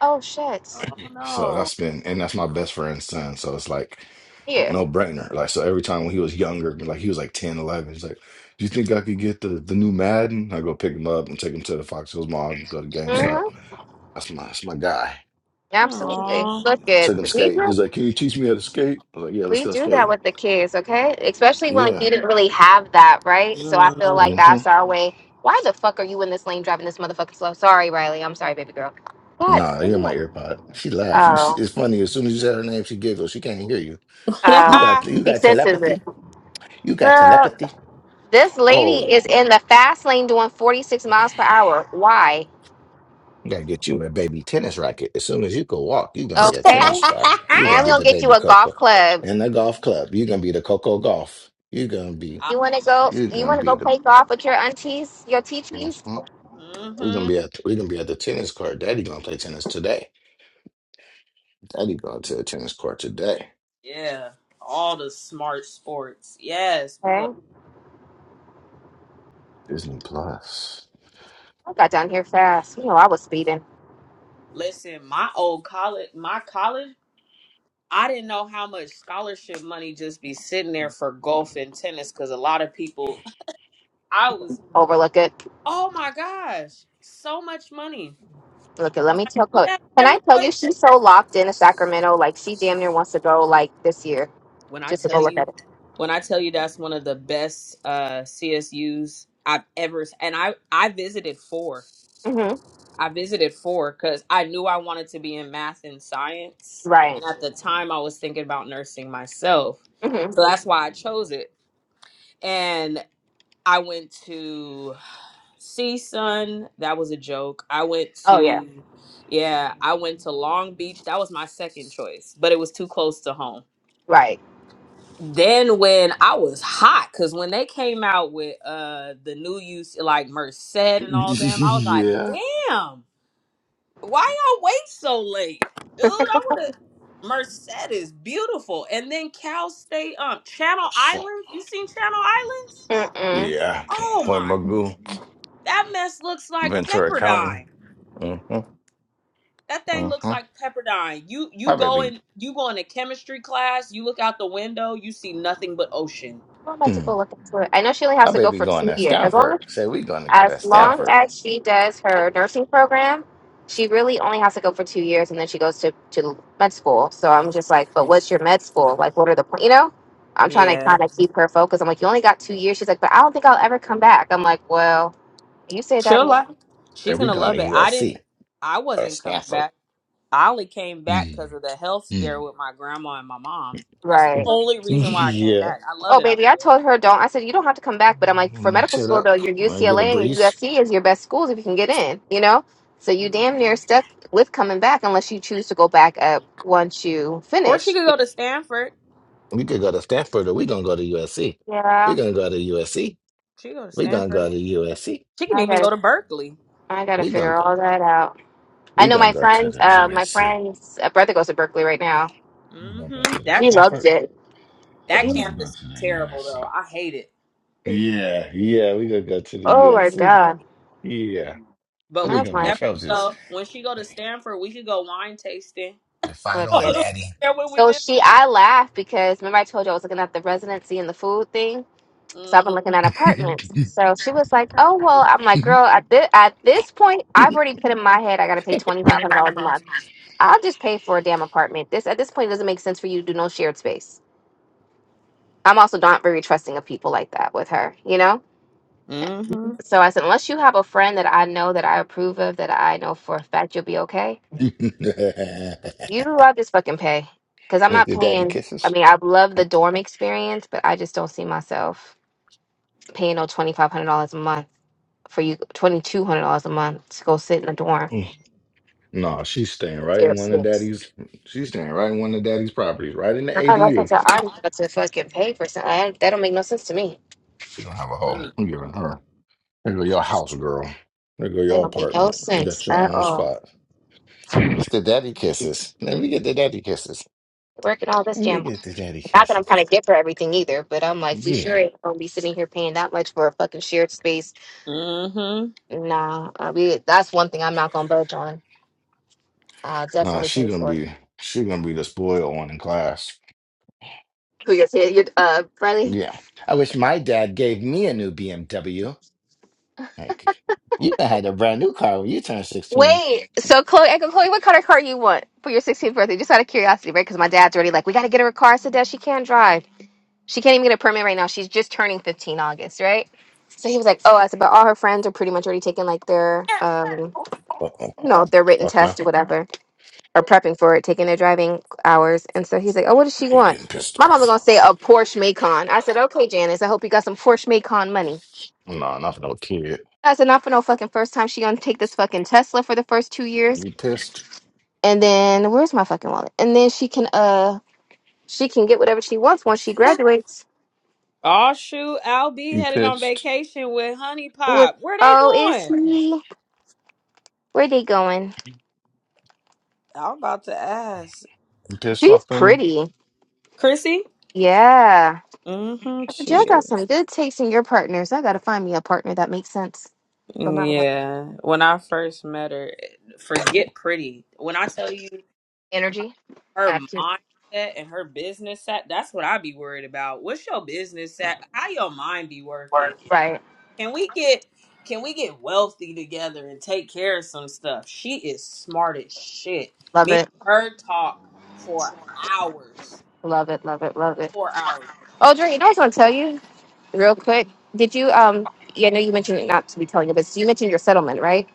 Speaker 2: Oh shit.
Speaker 1: So
Speaker 3: Oh,
Speaker 1: that's been, and that's my best friend's son. So it's like
Speaker 2: Here.
Speaker 1: no brainer. Like, so every time when he was younger, like he was like 10, 11, he's like, do you think I could get the, the new Madden? I go pick him up and take him to the Fox Hills Mall and go to GameStop.
Speaker 2: Mm-hmm.
Speaker 1: That's my, that's my guy.
Speaker 3: no.
Speaker 2: Absolutely.
Speaker 3: Aww.
Speaker 2: Look at
Speaker 1: Took him
Speaker 2: me.
Speaker 1: skating. He's like, can you teach me how to skate? I was like, yeah, let's
Speaker 2: We
Speaker 1: go
Speaker 2: do that
Speaker 1: skating.
Speaker 2: with the kids, okay? Especially when like,
Speaker 1: Yeah.
Speaker 2: you didn't really have that, right? So I feel
Speaker 3: Mm. *laughs*
Speaker 2: like
Speaker 1: Mm-hmm.
Speaker 2: that's our way. Why the fuck are you in this lane driving this motherfucker slow? Sorry, Riley. I'm sorry, baby girl. God.
Speaker 1: Nah, you're my
Speaker 2: damn.
Speaker 1: earpod. She laughed. You see,
Speaker 2: Oh,
Speaker 1: it's funny. As soon as you said her name, she giggled. She can't hear you. You
Speaker 2: oh.
Speaker 1: got you
Speaker 2: She
Speaker 1: got
Speaker 2: senses it.
Speaker 1: telepathy. You got
Speaker 2: Girl,
Speaker 1: telepathy.
Speaker 2: this lady
Speaker 1: Oh,
Speaker 2: is in the fast lane doing 46 miles per hour. Why?
Speaker 1: you gotta get you a baby tennis racket. As soon as you can walk, you're gonna be a
Speaker 2: Okay.
Speaker 1: tennis star. You're gonna
Speaker 2: And
Speaker 1: be
Speaker 2: we'll
Speaker 1: the
Speaker 2: get you
Speaker 1: baby
Speaker 2: a golf
Speaker 1: Coco
Speaker 2: club.
Speaker 1: in the golf club. You're gonna be the Coco Golf. You're gonna be
Speaker 2: You wanna go
Speaker 1: you're
Speaker 2: you
Speaker 1: gonna
Speaker 2: wanna
Speaker 1: be
Speaker 2: go
Speaker 1: the
Speaker 2: play golf with your aunties, your teachies?
Speaker 1: Mhm. we're gonna
Speaker 3: Mm-hmm.
Speaker 1: be at we're gonna be at the tennis court. Daddy gonna play tennis today. Daddy going to the tennis court today.
Speaker 3: Yeah. All the smart sports. Yes. We
Speaker 2: Okay.
Speaker 1: Disney Plus.
Speaker 2: I got down here fast. You know I was speeding.
Speaker 3: Listen, my old college, my college, I didn't know how much scholarship money just be sitting there for golf and tennis because a lot of people, I was,
Speaker 2: Overlook it.
Speaker 3: oh my gosh, so much money.
Speaker 2: Look,
Speaker 3: I
Speaker 2: let
Speaker 3: was
Speaker 2: me
Speaker 3: like,
Speaker 2: tell
Speaker 3: "You
Speaker 2: Chloe.
Speaker 3: have
Speaker 2: Can I
Speaker 3: never
Speaker 2: tell you
Speaker 3: played tennis.
Speaker 2: she's so locked into Sacramento? Like she damn near wants to go like this year
Speaker 3: When I
Speaker 2: just to go
Speaker 3: tell
Speaker 2: look
Speaker 3: you,
Speaker 2: at it.
Speaker 3: when I tell you that's one of the best uh, CSUs I've ever, and I I visited four.
Speaker 2: hmm
Speaker 3: I visited four because I knew I wanted to be in math and science,
Speaker 2: Right.
Speaker 3: and at the time I was thinking about nursing myself.
Speaker 2: hmm
Speaker 3: So that's why I chose it and I went to CSUN. That was a joke. I went
Speaker 2: Oh yeah.
Speaker 3: to, yeah, I went to Long Beach. That was my second choice, but it was too close to home.
Speaker 2: Right.
Speaker 3: Then when I was hot, because when they came out with uh the new use like Merced
Speaker 1: *laughs*
Speaker 3: and all them, I was like,
Speaker 1: yeah.
Speaker 3: damn, why y'all wait so late? Dude, I would have Merced is beautiful. And then Cal State, um, Channel
Speaker 1: What's up?
Speaker 3: Islands. You seen Channel Islands?
Speaker 2: Mm-mm.
Speaker 1: Yeah.
Speaker 3: Oh
Speaker 1: Point
Speaker 3: my
Speaker 1: Magoo,
Speaker 3: That mess looks like
Speaker 1: Ventura County.
Speaker 3: Pepperdine.
Speaker 1: Mm-hmm.
Speaker 3: That thing looks
Speaker 1: Mm-hmm.
Speaker 3: like Pepperdine. You you
Speaker 1: My
Speaker 3: go in
Speaker 1: baby.
Speaker 3: you go in a chemistry class, you look out the window, you see nothing but ocean.
Speaker 2: I'm about to go look into it. I know she only
Speaker 1: My
Speaker 2: has to go
Speaker 1: baby
Speaker 2: for
Speaker 1: going
Speaker 2: two
Speaker 1: to
Speaker 2: years. As long
Speaker 1: Stanford.
Speaker 2: as
Speaker 1: Say we going to go to
Speaker 2: as long
Speaker 1: Stanford.
Speaker 2: as she does her nursing program, she really only has to go for two years, and then she goes to to med school. So I'm just like, but what's your med school? Like, what are the pl-" you know? I'm trying to
Speaker 3: Yeah.
Speaker 2: kind of keep her focused. I'm like, you only got two years. She's like, but I don't think I'll ever come back. I'm like, well. You say that
Speaker 3: She'll
Speaker 2: now.
Speaker 3: like
Speaker 1: Say
Speaker 3: she's
Speaker 1: we
Speaker 3: gonna
Speaker 1: going
Speaker 3: love
Speaker 1: to
Speaker 3: it. I didn't
Speaker 1: USC
Speaker 3: I
Speaker 1: or
Speaker 3: wasn't coming
Speaker 1: Stanford.
Speaker 3: back. I only came back
Speaker 1: Mm,
Speaker 3: because of the health scare
Speaker 1: mm.
Speaker 3: with my grandma and my mom. That's the
Speaker 2: Right.
Speaker 3: only reason why I came
Speaker 1: Yeah.
Speaker 3: back. I love
Speaker 2: Oh,
Speaker 3: it out
Speaker 2: baby, I told her don't. I said you don't have to come back, but I'm like for
Speaker 1: Mm,
Speaker 2: medical
Speaker 1: Shut
Speaker 2: school
Speaker 1: up.
Speaker 2: though, your
Speaker 1: I get a
Speaker 2: UCLA and your
Speaker 1: breeze.
Speaker 2: USC is your best schools if you can get in. You know, so
Speaker 3: there.
Speaker 2: you damn near
Speaker 3: hmm
Speaker 2: stuck with coming back unless you choose to go back up once you
Speaker 3: Or
Speaker 2: finish.
Speaker 3: she could go to Stanford.
Speaker 1: We could go to Stanford or we gonna go to USC. We
Speaker 2: Yeah,
Speaker 1: gonna go to USC.
Speaker 3: She could go to
Speaker 1: We gonna
Speaker 3: Stanford.
Speaker 1: go to USC.
Speaker 3: She can
Speaker 2: I
Speaker 3: even go
Speaker 2: gotta,
Speaker 3: to Berkeley.
Speaker 2: I gotta
Speaker 1: We gonna
Speaker 2: figure
Speaker 1: go.
Speaker 2: all that out. I
Speaker 1: We
Speaker 2: know
Speaker 1: gonna
Speaker 2: my
Speaker 1: go to
Speaker 2: friends.
Speaker 1: the
Speaker 2: Uh, my
Speaker 1: USC.
Speaker 2: friend's uh, brother goes to Berkeley right now.
Speaker 1: We gonna
Speaker 3: hmm
Speaker 1: go to the
Speaker 2: He
Speaker 3: That
Speaker 2: loves
Speaker 1: Stanford.
Speaker 2: it.
Speaker 3: That
Speaker 1: We
Speaker 2: *laughs*
Speaker 1: gonna
Speaker 3: campus
Speaker 1: go
Speaker 3: is
Speaker 1: to the
Speaker 3: terrible though.
Speaker 1: USC.
Speaker 3: I hate it.
Speaker 1: Yeah, yeah. We gonna go to the
Speaker 2: oh my
Speaker 1: USC.
Speaker 2: god!
Speaker 1: Yeah.
Speaker 3: But
Speaker 2: And
Speaker 1: We
Speaker 3: we
Speaker 2: I'm
Speaker 3: could
Speaker 1: gonna be
Speaker 2: like,
Speaker 3: definitely
Speaker 1: Trojans.
Speaker 3: go when she go to
Speaker 1: Hey,
Speaker 3: Stanford. We could go wine tasting.
Speaker 1: Fight
Speaker 3: *laughs*
Speaker 2: look
Speaker 1: on,
Speaker 2: at.
Speaker 1: Daddy.
Speaker 3: yeah, when we
Speaker 2: So
Speaker 3: visit.
Speaker 2: she, I laugh because remember I told you I was looking at the residency and the food thing. So I've been
Speaker 3: Mm-hmm.
Speaker 2: looking at apartments. So she was like, "Oh well," I'm like, "Girl, at this at this point, I've already put in my head I got to pay
Speaker 1: the
Speaker 2: twenty five hundred dollars a month. I'll just pay for a damn apartment. This at this point it doesn't make sense for you to do no shared space. I'm also not very trusting of people like that with her, you know.
Speaker 3: Mm-hmm.
Speaker 2: So I said, unless you have a friend that I know that I approve of, that I know for a fact you'll be okay, you I'll just fucking pay because I'm not
Speaker 1: daddy
Speaker 2: paying. I
Speaker 1: kisses.
Speaker 2: mean, I love the dorm experience, but I just don't see myself paying no twenty five hundred dollars a month for you twenty two hundred dollars a month to go sit in a dorm.
Speaker 1: No, she's staying right in
Speaker 2: Yes,
Speaker 1: one of
Speaker 2: space.
Speaker 1: daddy's. She's staying right in one of daddy's properties, right in the
Speaker 2: I don't know if
Speaker 1: ADU.
Speaker 2: that's- how I'm about to fucking pay for something. I, that don't make no sense to me.
Speaker 1: She don't have a home. I'm giving her. There go your house, girl. There go
Speaker 2: That
Speaker 1: your
Speaker 2: don't make no
Speaker 1: apartment. You
Speaker 2: sense
Speaker 1: got your
Speaker 2: at
Speaker 1: own
Speaker 2: all.
Speaker 1: spot. It's the daddy kisses. Let me get the daddy kisses.
Speaker 2: Working all this
Speaker 1: Let me
Speaker 2: jam.
Speaker 1: get the daddy
Speaker 2: Not that I'm trying to
Speaker 1: kisses.
Speaker 2: get for everything either, but I'm like, we
Speaker 1: Yeah.
Speaker 2: sure ain't gonna be sitting here paying that much for a fucking shared space.
Speaker 3: Mm-hmm.
Speaker 2: Nah, I mean, that's one thing I'm not gonna budge on. I'll
Speaker 1: Nah,
Speaker 2: definitely
Speaker 1: she
Speaker 2: pay
Speaker 1: gonna
Speaker 2: for it.
Speaker 1: be. She gonna be the spoiled one in class.
Speaker 2: Who you said? Your uh, Riley?
Speaker 1: Yeah. I wish my dad gave me a new BMW. Like, you done had a brand new car when you turned 16.
Speaker 2: Wait, so Chloe, Uncle Chloe, what color car you want for your 16th birthday? Just out of curiosity, right? Because my dad's already like, we got to get her a car. I said, Dad, she can't drive. She can't even get a permit right now. She's just turning 15 August, right? So he was like, oh, I said, but all her friends are pretty much already taking like their, um,
Speaker 1: Uh-oh.
Speaker 2: you know, their written
Speaker 1: Stop
Speaker 2: test
Speaker 1: now.
Speaker 2: or whatever, or prepping for it, taking their driving hours. And so he's like, oh, what does she
Speaker 1: you
Speaker 2: want?
Speaker 1: getting pissed
Speaker 2: My mama
Speaker 1: off.
Speaker 2: gonna say a Porsche Macon. I said, okay, Janice, I hope you got some Porsche Macon money.
Speaker 1: No, not for no kid.
Speaker 2: I said, not for no fucking first time. She gonna take this fucking Tesla for the first two years.
Speaker 1: You pissed?
Speaker 2: And then where's my fucking wallet? And then she can uh she can get whatever she wants once she graduates.
Speaker 3: Oh shoot, I'll be
Speaker 1: You
Speaker 3: headed on
Speaker 1: pissed?
Speaker 3: vacation with Honey
Speaker 2: What
Speaker 3: Pop. Where they
Speaker 2: oh is
Speaker 3: going?
Speaker 2: she? where they going?
Speaker 3: I'm about to ask.
Speaker 1: You pissed
Speaker 2: She's
Speaker 1: off at me?
Speaker 2: pretty.
Speaker 3: Chrissy?
Speaker 2: Yeah.
Speaker 3: Mm-hmm.
Speaker 2: I said,
Speaker 3: She
Speaker 2: Y'all got
Speaker 3: is.
Speaker 2: some good taste in your partners. I gotta find me a partner that makes sense for my life.
Speaker 3: Yeah. When I first met her, eh, forget pretty. When I tell you.
Speaker 2: Energy.
Speaker 3: her
Speaker 2: Absolutely.
Speaker 3: mindset and her business set. That's what I be worried about. What's your business set? How your mind be working?
Speaker 2: Right.
Speaker 3: Can we get can we get wealthy together and take care of some stuff? She is smart as shit.
Speaker 2: Love
Speaker 3: Me
Speaker 2: it.
Speaker 3: and her talk for hours.
Speaker 2: Love it. Love it. Love it.
Speaker 3: Four hours.
Speaker 2: Oh Dre, you know what I was gonna tell you real quick. Did you um yeah, I know you mentioned it not to be telling you, but you mentioned your settlement, right?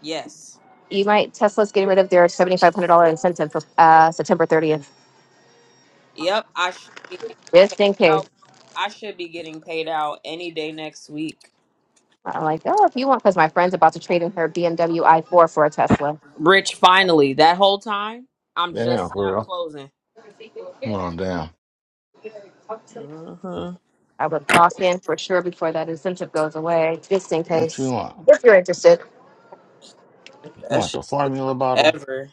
Speaker 3: Yes.
Speaker 2: You might Tesla's getting rid of their seventy five hundred dollar incentive for uh, September thirtieth,
Speaker 3: Yep. I should be getting
Speaker 2: just in
Speaker 3: paid out.
Speaker 2: case.
Speaker 3: I should be getting paid out any day next week.
Speaker 2: I'm like, oh, if you want, because my friend's about to trade in her BMW i4 for a Tesla.
Speaker 3: Rich finally. That whole time, I'm
Speaker 1: Damn,
Speaker 3: just now
Speaker 1: girl.
Speaker 3: closing.
Speaker 1: Come on down.
Speaker 3: hmm
Speaker 2: I would lock in for sure before that incentive goes away, just in
Speaker 1: What you
Speaker 2: case.
Speaker 1: want?
Speaker 2: If you're interested,
Speaker 1: You
Speaker 3: That
Speaker 1: want the
Speaker 3: shit took
Speaker 1: formula bottle?
Speaker 3: forever.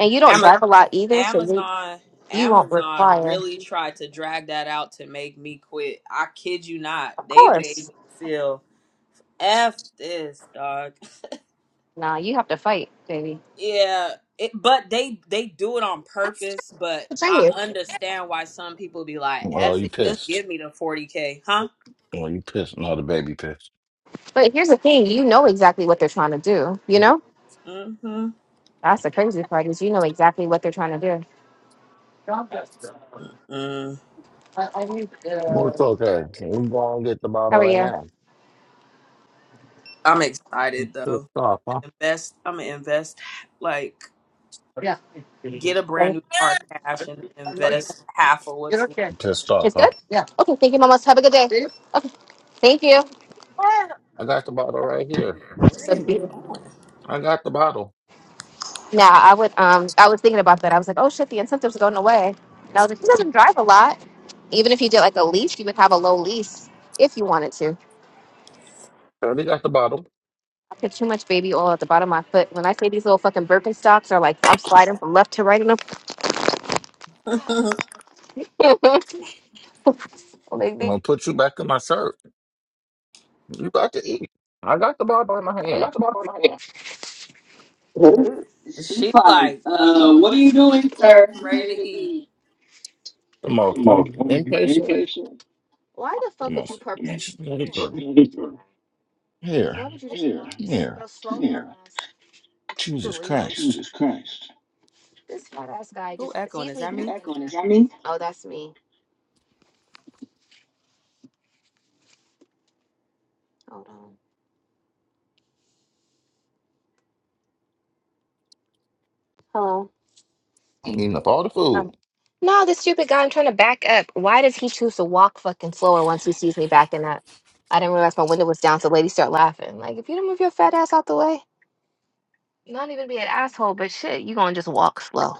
Speaker 2: and you don't
Speaker 3: Ama-
Speaker 2: drive a lot either, so you
Speaker 3: Amazon,
Speaker 2: you won't
Speaker 3: Amazon
Speaker 2: require.
Speaker 3: really tried to drag that out to make me quit. I kid you not.
Speaker 2: Of
Speaker 3: They made
Speaker 2: course,
Speaker 3: me feel f this dog.
Speaker 2: nah, you have to fight, baby.
Speaker 3: Yeah, it, but they they do it on purpose. But
Speaker 2: To train
Speaker 3: I
Speaker 2: you.
Speaker 3: understand why some people be like,
Speaker 1: Well,
Speaker 3: "F
Speaker 1: you
Speaker 3: it, just
Speaker 1: pissed.
Speaker 3: give me the forty k, huh?"
Speaker 1: Well, you pissed. No, the baby pissed.
Speaker 2: But here's the thing: you know exactly what they're trying to do. You know
Speaker 3: Mm-hmm.
Speaker 2: that's the crazy part is you know exactly what they're trying to do.
Speaker 3: Mm.
Speaker 1: Well, it's okay. We're going to get the
Speaker 2: How
Speaker 1: bottle
Speaker 2: are
Speaker 1: right
Speaker 2: you?
Speaker 1: now.
Speaker 3: I'm
Speaker 1: You
Speaker 3: excited
Speaker 1: pissed
Speaker 3: though. I'm
Speaker 1: off, huh?
Speaker 3: gonna invest. I'm gonna invest like get a brand
Speaker 2: Like,
Speaker 3: new car cash and invest half of what's left.
Speaker 1: You pissed off,
Speaker 2: It's
Speaker 1: huh?
Speaker 2: good. Okay, thank you, mamas. Have a good day. Thank you.
Speaker 1: I got the bottle right here.
Speaker 3: Where
Speaker 2: So
Speaker 3: are they
Speaker 2: beautiful.
Speaker 1: I got the bottle.
Speaker 2: Now I would um I was thinking about that. I was like, oh shit, the incentive's going away. And I was like, he doesn't drive a lot. Even if you did like a lease, you would have a low lease if you wanted to.
Speaker 1: Shorty got the bottle.
Speaker 2: I put too much baby oil at the bottom of my foot. When I say these little fucking Birkenstocks are like I'm sliding from left to right in them.
Speaker 3: going?
Speaker 2: *laughs* like
Speaker 1: I'm gonna
Speaker 2: these-
Speaker 1: put you back in my shirt. You about to eat. I got the ball by my hand.
Speaker 3: *laughs* Who-
Speaker 2: She
Speaker 3: she like,
Speaker 2: fights. Uh,
Speaker 3: uh,
Speaker 2: what are
Speaker 3: what are
Speaker 2: you
Speaker 3: you doing,
Speaker 2: doing,
Speaker 3: sir?
Speaker 2: sir?
Speaker 3: I'm ready
Speaker 2: Ready
Speaker 3: to
Speaker 2: to
Speaker 3: eat.
Speaker 2: eat.
Speaker 1: Come on,
Speaker 2: Come on,
Speaker 1: I'm
Speaker 2: I'm
Speaker 1: impatient.
Speaker 2: impatient. Why the fuck
Speaker 1: Come
Speaker 2: would you purposely? Come
Speaker 1: on.
Speaker 2: on. Oh, Because why
Speaker 1: Here,
Speaker 2: would you just Yeah,
Speaker 1: here.
Speaker 2: Your slow yeah. ass, *laughs*
Speaker 1: Jesus
Speaker 2: silly mother.
Speaker 1: Christ.
Speaker 2: Jesus Christ. This fat ass guy
Speaker 3: Who
Speaker 2: just
Speaker 3: echoing?
Speaker 2: sees
Speaker 3: Is
Speaker 2: me
Speaker 3: that
Speaker 2: Who
Speaker 3: me?
Speaker 2: backing echoing? Is that me? Oh, that's me. Hold on. Hello.
Speaker 1: I'm eating up all the food.
Speaker 2: Um, no, this stupid guy. I'm trying to back up. Why does he choose to walk fucking slower once he sees me backing up? I didn't realize my window was down, so ladies start laughing. Like, if you don't move your fat ass out the way, not even be an asshole, but shit, you gonna just walk slow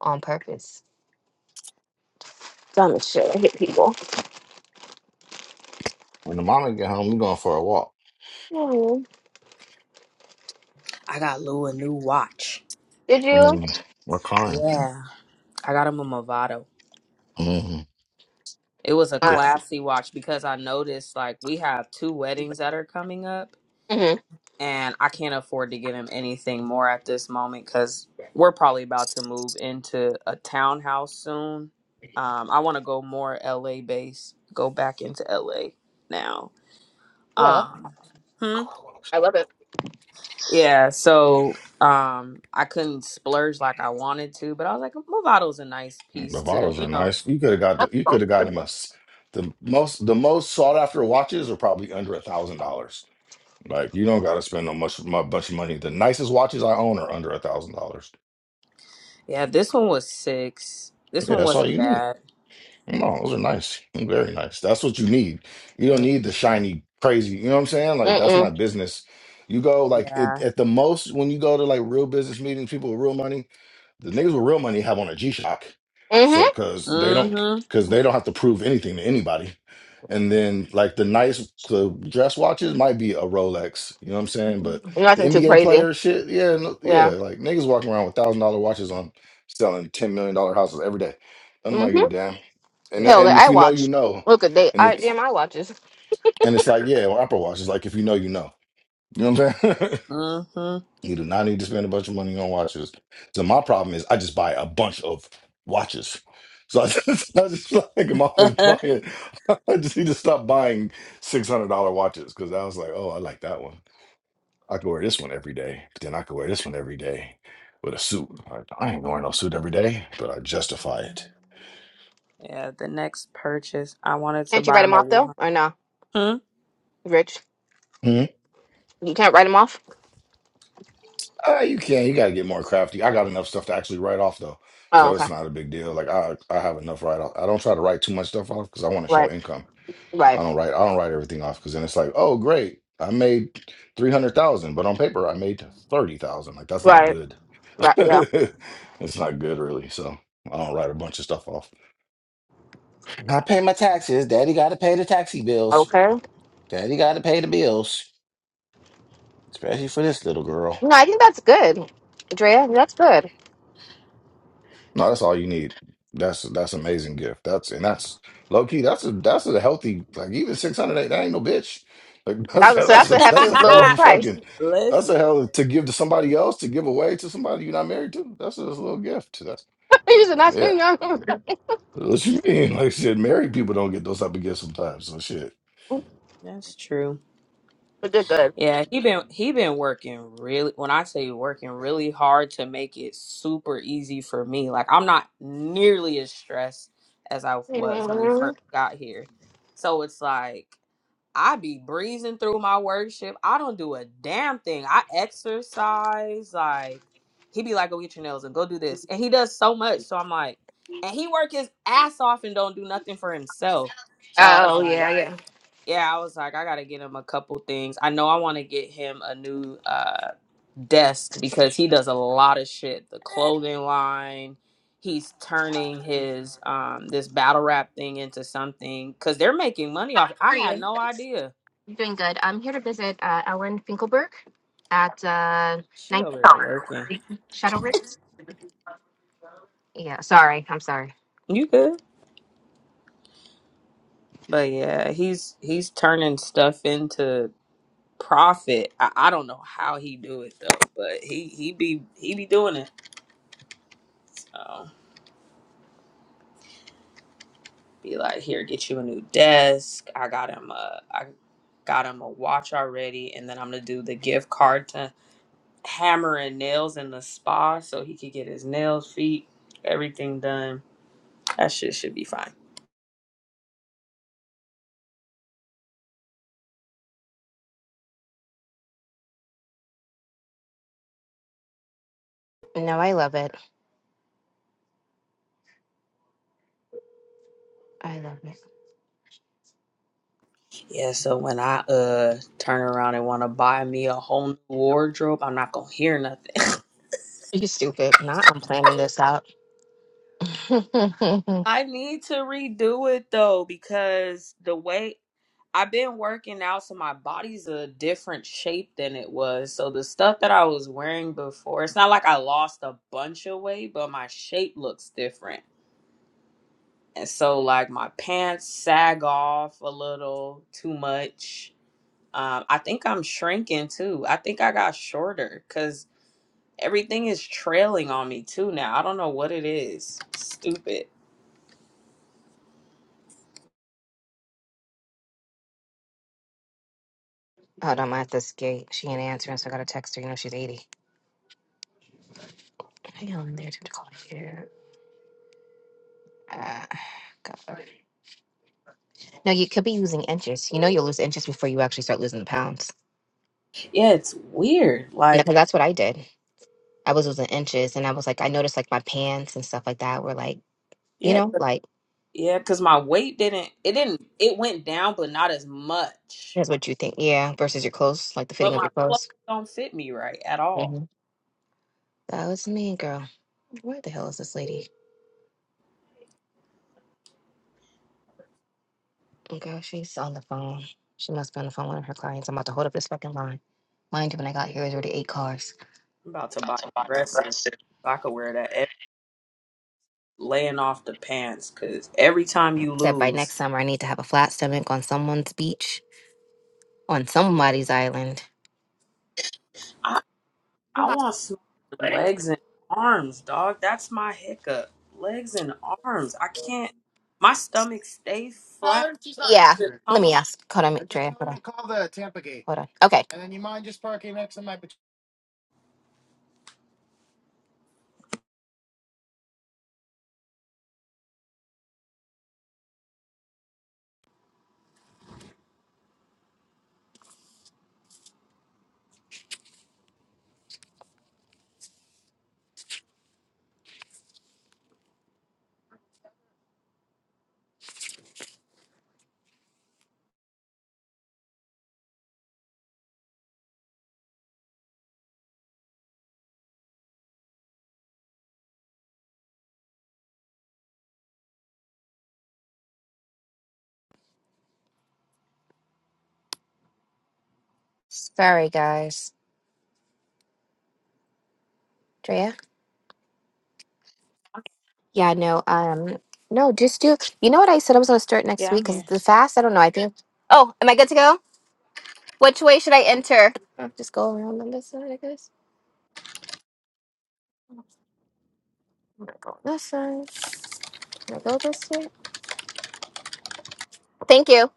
Speaker 2: on purpose. Dumb as shit. I hate people.
Speaker 1: When the mama get home, we going for a walk.
Speaker 2: Mm.
Speaker 3: I got Lou a new watch.
Speaker 2: Did you?
Speaker 1: Mm, we're crying.
Speaker 3: Yeah. I got him a Movado.
Speaker 1: Mm,
Speaker 3: It was a
Speaker 2: Uh,
Speaker 1: good.
Speaker 3: classy watch because I noticed like we have two weddings that are coming up
Speaker 2: mm-hmm.
Speaker 3: and I can't afford to get him anything more at this moment because we're probably about to move into a townhouse soon. Um, I want to go more LA based, go back into LA now. Um, hmm?
Speaker 2: I love it.
Speaker 3: Yeah, so um, I couldn't splurge like I wanted to, but I was like, Movado's a nice
Speaker 1: The
Speaker 3: piece to,
Speaker 1: bottles are
Speaker 3: you know.
Speaker 1: nice. You could have got the, you could have gotten us the most the most sought after watches are probably under a thousand dollars. Like you don't got to spend no much mu- bunch of money. The nicest watches I own are under a thousand dollars.
Speaker 3: Yeah, this one was six. This
Speaker 1: Yeah,
Speaker 3: one
Speaker 1: that's all
Speaker 3: wasn't
Speaker 1: you need.
Speaker 3: bad.
Speaker 1: No, those are nice. Very nice. That's what you need. You don't need the shiny, crazy. You know what I'm saying? Like that's
Speaker 2: Mm-mm.
Speaker 1: not business. You go like it,
Speaker 3: Yeah.
Speaker 1: at the most when you go to like real business meetings, people with real money, the niggas with real money have on a G-Shock. So
Speaker 2: Mm-hmm.
Speaker 1: cause they don't
Speaker 3: Mm-hmm.
Speaker 1: cause they don't have to prove anything to anybody. And then like the nice the dress watches might be a Rolex, you know what I'm saying? But the
Speaker 2: Nothing too
Speaker 1: NBA
Speaker 2: crazy.
Speaker 1: player shit, yeah, no, yeah,
Speaker 2: Yeah.
Speaker 1: like niggas walking around with thousand dollar watches on selling ten million dollar houses every day. Don't
Speaker 2: hmm
Speaker 1: nobody give a damn. And
Speaker 2: Hell,
Speaker 3: Yeah.
Speaker 1: and if
Speaker 2: I
Speaker 1: you know, you
Speaker 2: watch.
Speaker 1: know.
Speaker 2: Look at they.
Speaker 1: And
Speaker 2: I
Speaker 1: it's
Speaker 2: damn, I watches.
Speaker 1: and it's like, yeah, well, Apple Watch is like if you know, you know. You know what I'm saying?
Speaker 3: Mm-hmm.
Speaker 1: *laughs* you do not need to spend a bunch of money on watches. So my problem is I just buy a bunch of watches. So I just, *laughs* I just feel like I'm always
Speaker 3: *laughs*
Speaker 1: buying. *laughs* I just need to stop buying six hundred dollar watches because I was like, oh, I like that one. I could wear this one every day. But then I could wear this one every day with a suit. I, I ain't wearing no suit every day, but I justify it.
Speaker 3: Yeah, the next purchase, I wanted to
Speaker 2: Can't you write
Speaker 3: buy
Speaker 2: them
Speaker 3: him a.
Speaker 2: off though,
Speaker 3: wa-
Speaker 2: or no?
Speaker 3: Hmm?
Speaker 2: Rich,
Speaker 1: Hmm?
Speaker 2: you can't write them off.
Speaker 1: Uh, you can. You got to get more crafty. I got enough stuff to actually write off though,
Speaker 2: Oh,
Speaker 1: so it's
Speaker 2: okay.
Speaker 1: not a big deal. Like I, I have enough write off. I don't try to write too much stuff off because I want to show
Speaker 2: Right.
Speaker 1: income. I
Speaker 2: Right.
Speaker 1: don't write. I don't write everything off because then it's like, oh great, I made three hundred thousand, but on paper I made thirty thousand. Like that's not
Speaker 2: Right.
Speaker 1: good.
Speaker 2: Got- yeah.
Speaker 1: *laughs* It's not good really. So I don't write a bunch of stuff off. I pay my taxes. Daddy got to pay the taxi bills.
Speaker 2: Okay.
Speaker 1: Daddy got to pay the bills, especially for this little girl.
Speaker 2: No, I think that's good, Drea. That's good.
Speaker 1: No, that's all you need. That's that's amazing gift. That's and that's low key. That's a that's a healthy like even six hundred. That ain't no bitch. Like *laughs*
Speaker 2: That
Speaker 1: that's
Speaker 2: was, so that's
Speaker 1: that's a
Speaker 2: a hefty
Speaker 1: that's a hell of
Speaker 2: little
Speaker 3: *laughs*
Speaker 1: a
Speaker 2: price.
Speaker 1: fucking.
Speaker 2: *laughs*
Speaker 1: That's a
Speaker 3: Listen,
Speaker 1: hell to give to somebody else to give away to somebody you're not married to. That's just a little gift. That's
Speaker 2: you should not
Speaker 1: yeah.
Speaker 2: you know,
Speaker 1: What you mean? *laughs* Like shit, married people don't get those type of gifts sometimes. So shit.
Speaker 3: that's true.
Speaker 2: but did good.
Speaker 3: Yeah, he been he been working really when I say working really hard to make it super easy for me. Like I'm not nearly as stressed as I was when we
Speaker 2: Mhm.
Speaker 3: first got here. So it's like I be breezing through my work shift. I don't do a damn thing. I exercise. Like he be like, go get your nails and go do this, and he does so much. So I'm like, and he work his ass off and don't do nothing for himself. So I was
Speaker 2: Oh
Speaker 3: like,
Speaker 2: yeah, yeah.
Speaker 3: yeah, I was like, I gotta get him a couple things. I know I want to get him a new uh desk because he does a lot of shit. The clothing line, he's turning his um this battle rap thing into something because they're making money off. I
Speaker 2: How are
Speaker 3: had
Speaker 2: you?
Speaker 3: no idea.
Speaker 2: I'm Doing good. I'm here to visit uh, Ellen Finkelberg at uh,
Speaker 3: She
Speaker 2: Ninth
Speaker 3: over there working.
Speaker 2: Shadow Ridge. Yeah. Sorry. I'm sorry.
Speaker 3: You good? But yeah, he's he's turning stuff into profit. I, I don't know how he do it though, but he he be he be doing it. so. be like, here, get you a new desk. I got him a, I got him a watch already, and then I'm gonna do the gift card to hammer and nails in the spa so he could get his nails, feet, everything done. That shit should be fine.
Speaker 2: No, I love it. I love it.
Speaker 3: Yeah, so when I uh turn around and wanna buy me a whole new wardrobe, I'm not gonna hear nothing. *laughs*
Speaker 2: You stupid. Now I'm planning this out. *laughs* Hold
Speaker 3: I need to redo it though because the way I've been working out, so my body's a different shape than it was. So the stuff that I was wearing before, it's not like I lost a bunch of weight, but my shape looks different. And so like my pants sag off a little too much. Um, I think I'm shrinking too. I think I got shorter because everything is trailing on me too now. I don't know what it is. Stupid
Speaker 2: on, I have to skate. She ain't answering, so I gotta text her. You know she's 80. Hang on there to call here. Uh, God. No, you could be losing inches. You know you'll lose inches before you actually start losing the pounds.
Speaker 3: yeah, it's weird.
Speaker 2: No,
Speaker 3: Like
Speaker 2: 'cause that's what I did. I was losing inches, and I was like, I noticed like my pants and stuff like that were like, you
Speaker 3: Yeah,
Speaker 2: know,
Speaker 3: 'cause-
Speaker 2: like
Speaker 3: yeah, because my weight didn't it didn't it went down, but not as much.
Speaker 2: that's
Speaker 3: Right?
Speaker 2: what you think, yeah, versus your clothes, like the
Speaker 3: But
Speaker 2: fitting of
Speaker 3: my
Speaker 2: your
Speaker 3: clothes
Speaker 2: clothes.
Speaker 3: don't fit me right at all.
Speaker 2: hmm That was me, girl. Where the hell is this lady? Okay, she's on the phone. She must be on the phone with one of her clients. I'm about to hold up this fucking line. Mind you, when I got here, it was already eight cars.
Speaker 3: I'm about to buy dresses. so I could wear that ev- laying off the pants because every time you
Speaker 2: Said by
Speaker 3: lose,
Speaker 2: next summer, I need to have a flat stomach on someone's beach, on somebody's island.
Speaker 3: I I want small legs and arms, dog. That's my hiccup. Legs and arms. I can't. My stomach stays flat.
Speaker 2: Yeah,
Speaker 3: The
Speaker 2: let
Speaker 3: tone-
Speaker 2: me ask. Hold on, Drea. Hold on. Hold on. Okay. Sorry, guys. Drea? Yeah, no, um, no, just do. You know what I said I was going to start next
Speaker 3: Yeah, I'm
Speaker 2: week? Because
Speaker 3: here.
Speaker 2: the fast, I don't know. I think. Oh, am I good to go? Which way should I enter? Uh, Just go around on this side, I guess. Go on this side. Can I go this way? Thank you.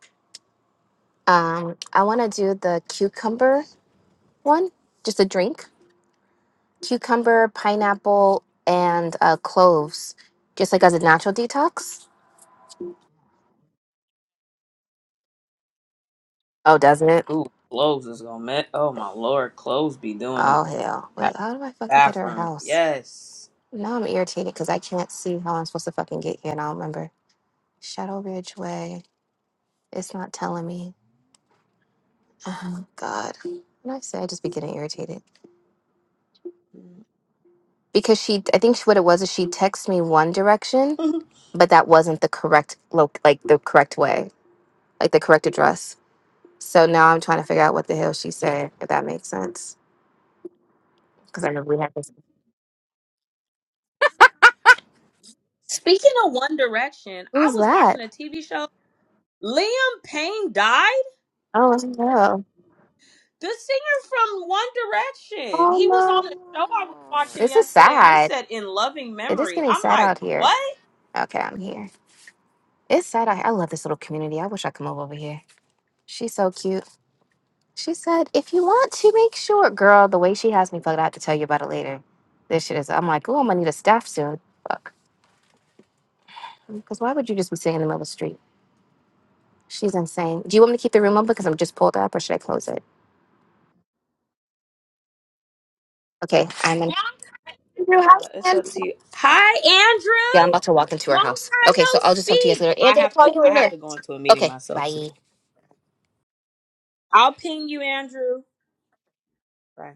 Speaker 2: Um, I want to do the cucumber one, just a drink. Cucumber, pineapple, and uh, cloves, just like as a natural detox. Oh, doesn't it?
Speaker 3: Ooh, clothes is gonna met. Oh my lord, clothes be doing it.
Speaker 2: Oh, hell. Wait, how do I fucking get her
Speaker 3: Bathroom.
Speaker 2: house?
Speaker 3: Yes.
Speaker 2: Now I'm irritated because I can't see how I'm supposed to fucking get here and I don't remember. Shadow Ridge Way. It's not telling me. Oh, God. When I say I just be getting irritated. Because she, I think she, what it was is she texted me one direction
Speaker 3: *laughs*
Speaker 2: but that wasn't the correct look, like the correct way, like the correct address. So now I'm trying to figure out what the hell she said, if that makes sense. Because I remember we had this.
Speaker 3: Speaking of One Direction,
Speaker 2: *laughs*
Speaker 3: I
Speaker 2: Who's
Speaker 3: was watching
Speaker 2: that?
Speaker 3: a TV show. Liam Payne died?
Speaker 2: Oh no!
Speaker 3: The singer from One Direction.
Speaker 2: Oh
Speaker 3: He was on
Speaker 2: no!
Speaker 3: a show I was watching
Speaker 2: This is
Speaker 3: yesterday and it
Speaker 2: sad.
Speaker 3: said in loving
Speaker 2: It is
Speaker 3: memory.
Speaker 2: getting
Speaker 3: I'm
Speaker 2: sad
Speaker 3: like,
Speaker 2: out here.
Speaker 3: what?
Speaker 2: Okay, I'm here. It's sad. out here. I love this little community. I wish I could move over here. She's so cute. She said, "If you want to make sure, girl, the way she has me fucked, I have to tell you about it later." This shit is. I'm like, oh, I'm gonna need a staff soon. Fuck. Because why would you just be sitting in the middle of the street? She's insane. Do you want me to keep the room open because I'm just pulled up, or should I close it? Okay, I'm in your house,
Speaker 3: Uh it's
Speaker 2: man.
Speaker 3: up to you. Hi,
Speaker 2: Yeah, I'm
Speaker 3: Andrew.
Speaker 2: about to walk into her
Speaker 3: Long
Speaker 2: house.
Speaker 3: time
Speaker 2: Okay,
Speaker 3: no
Speaker 2: so I'll just talk to you guys
Speaker 3: speak.
Speaker 2: later.
Speaker 3: I
Speaker 2: And I'll
Speaker 3: have to
Speaker 2: call you
Speaker 3: I have
Speaker 2: later.
Speaker 3: to go into a meeting
Speaker 2: Okay,
Speaker 3: myself too.
Speaker 2: bye.
Speaker 3: I'll ping you, Andrew. Right.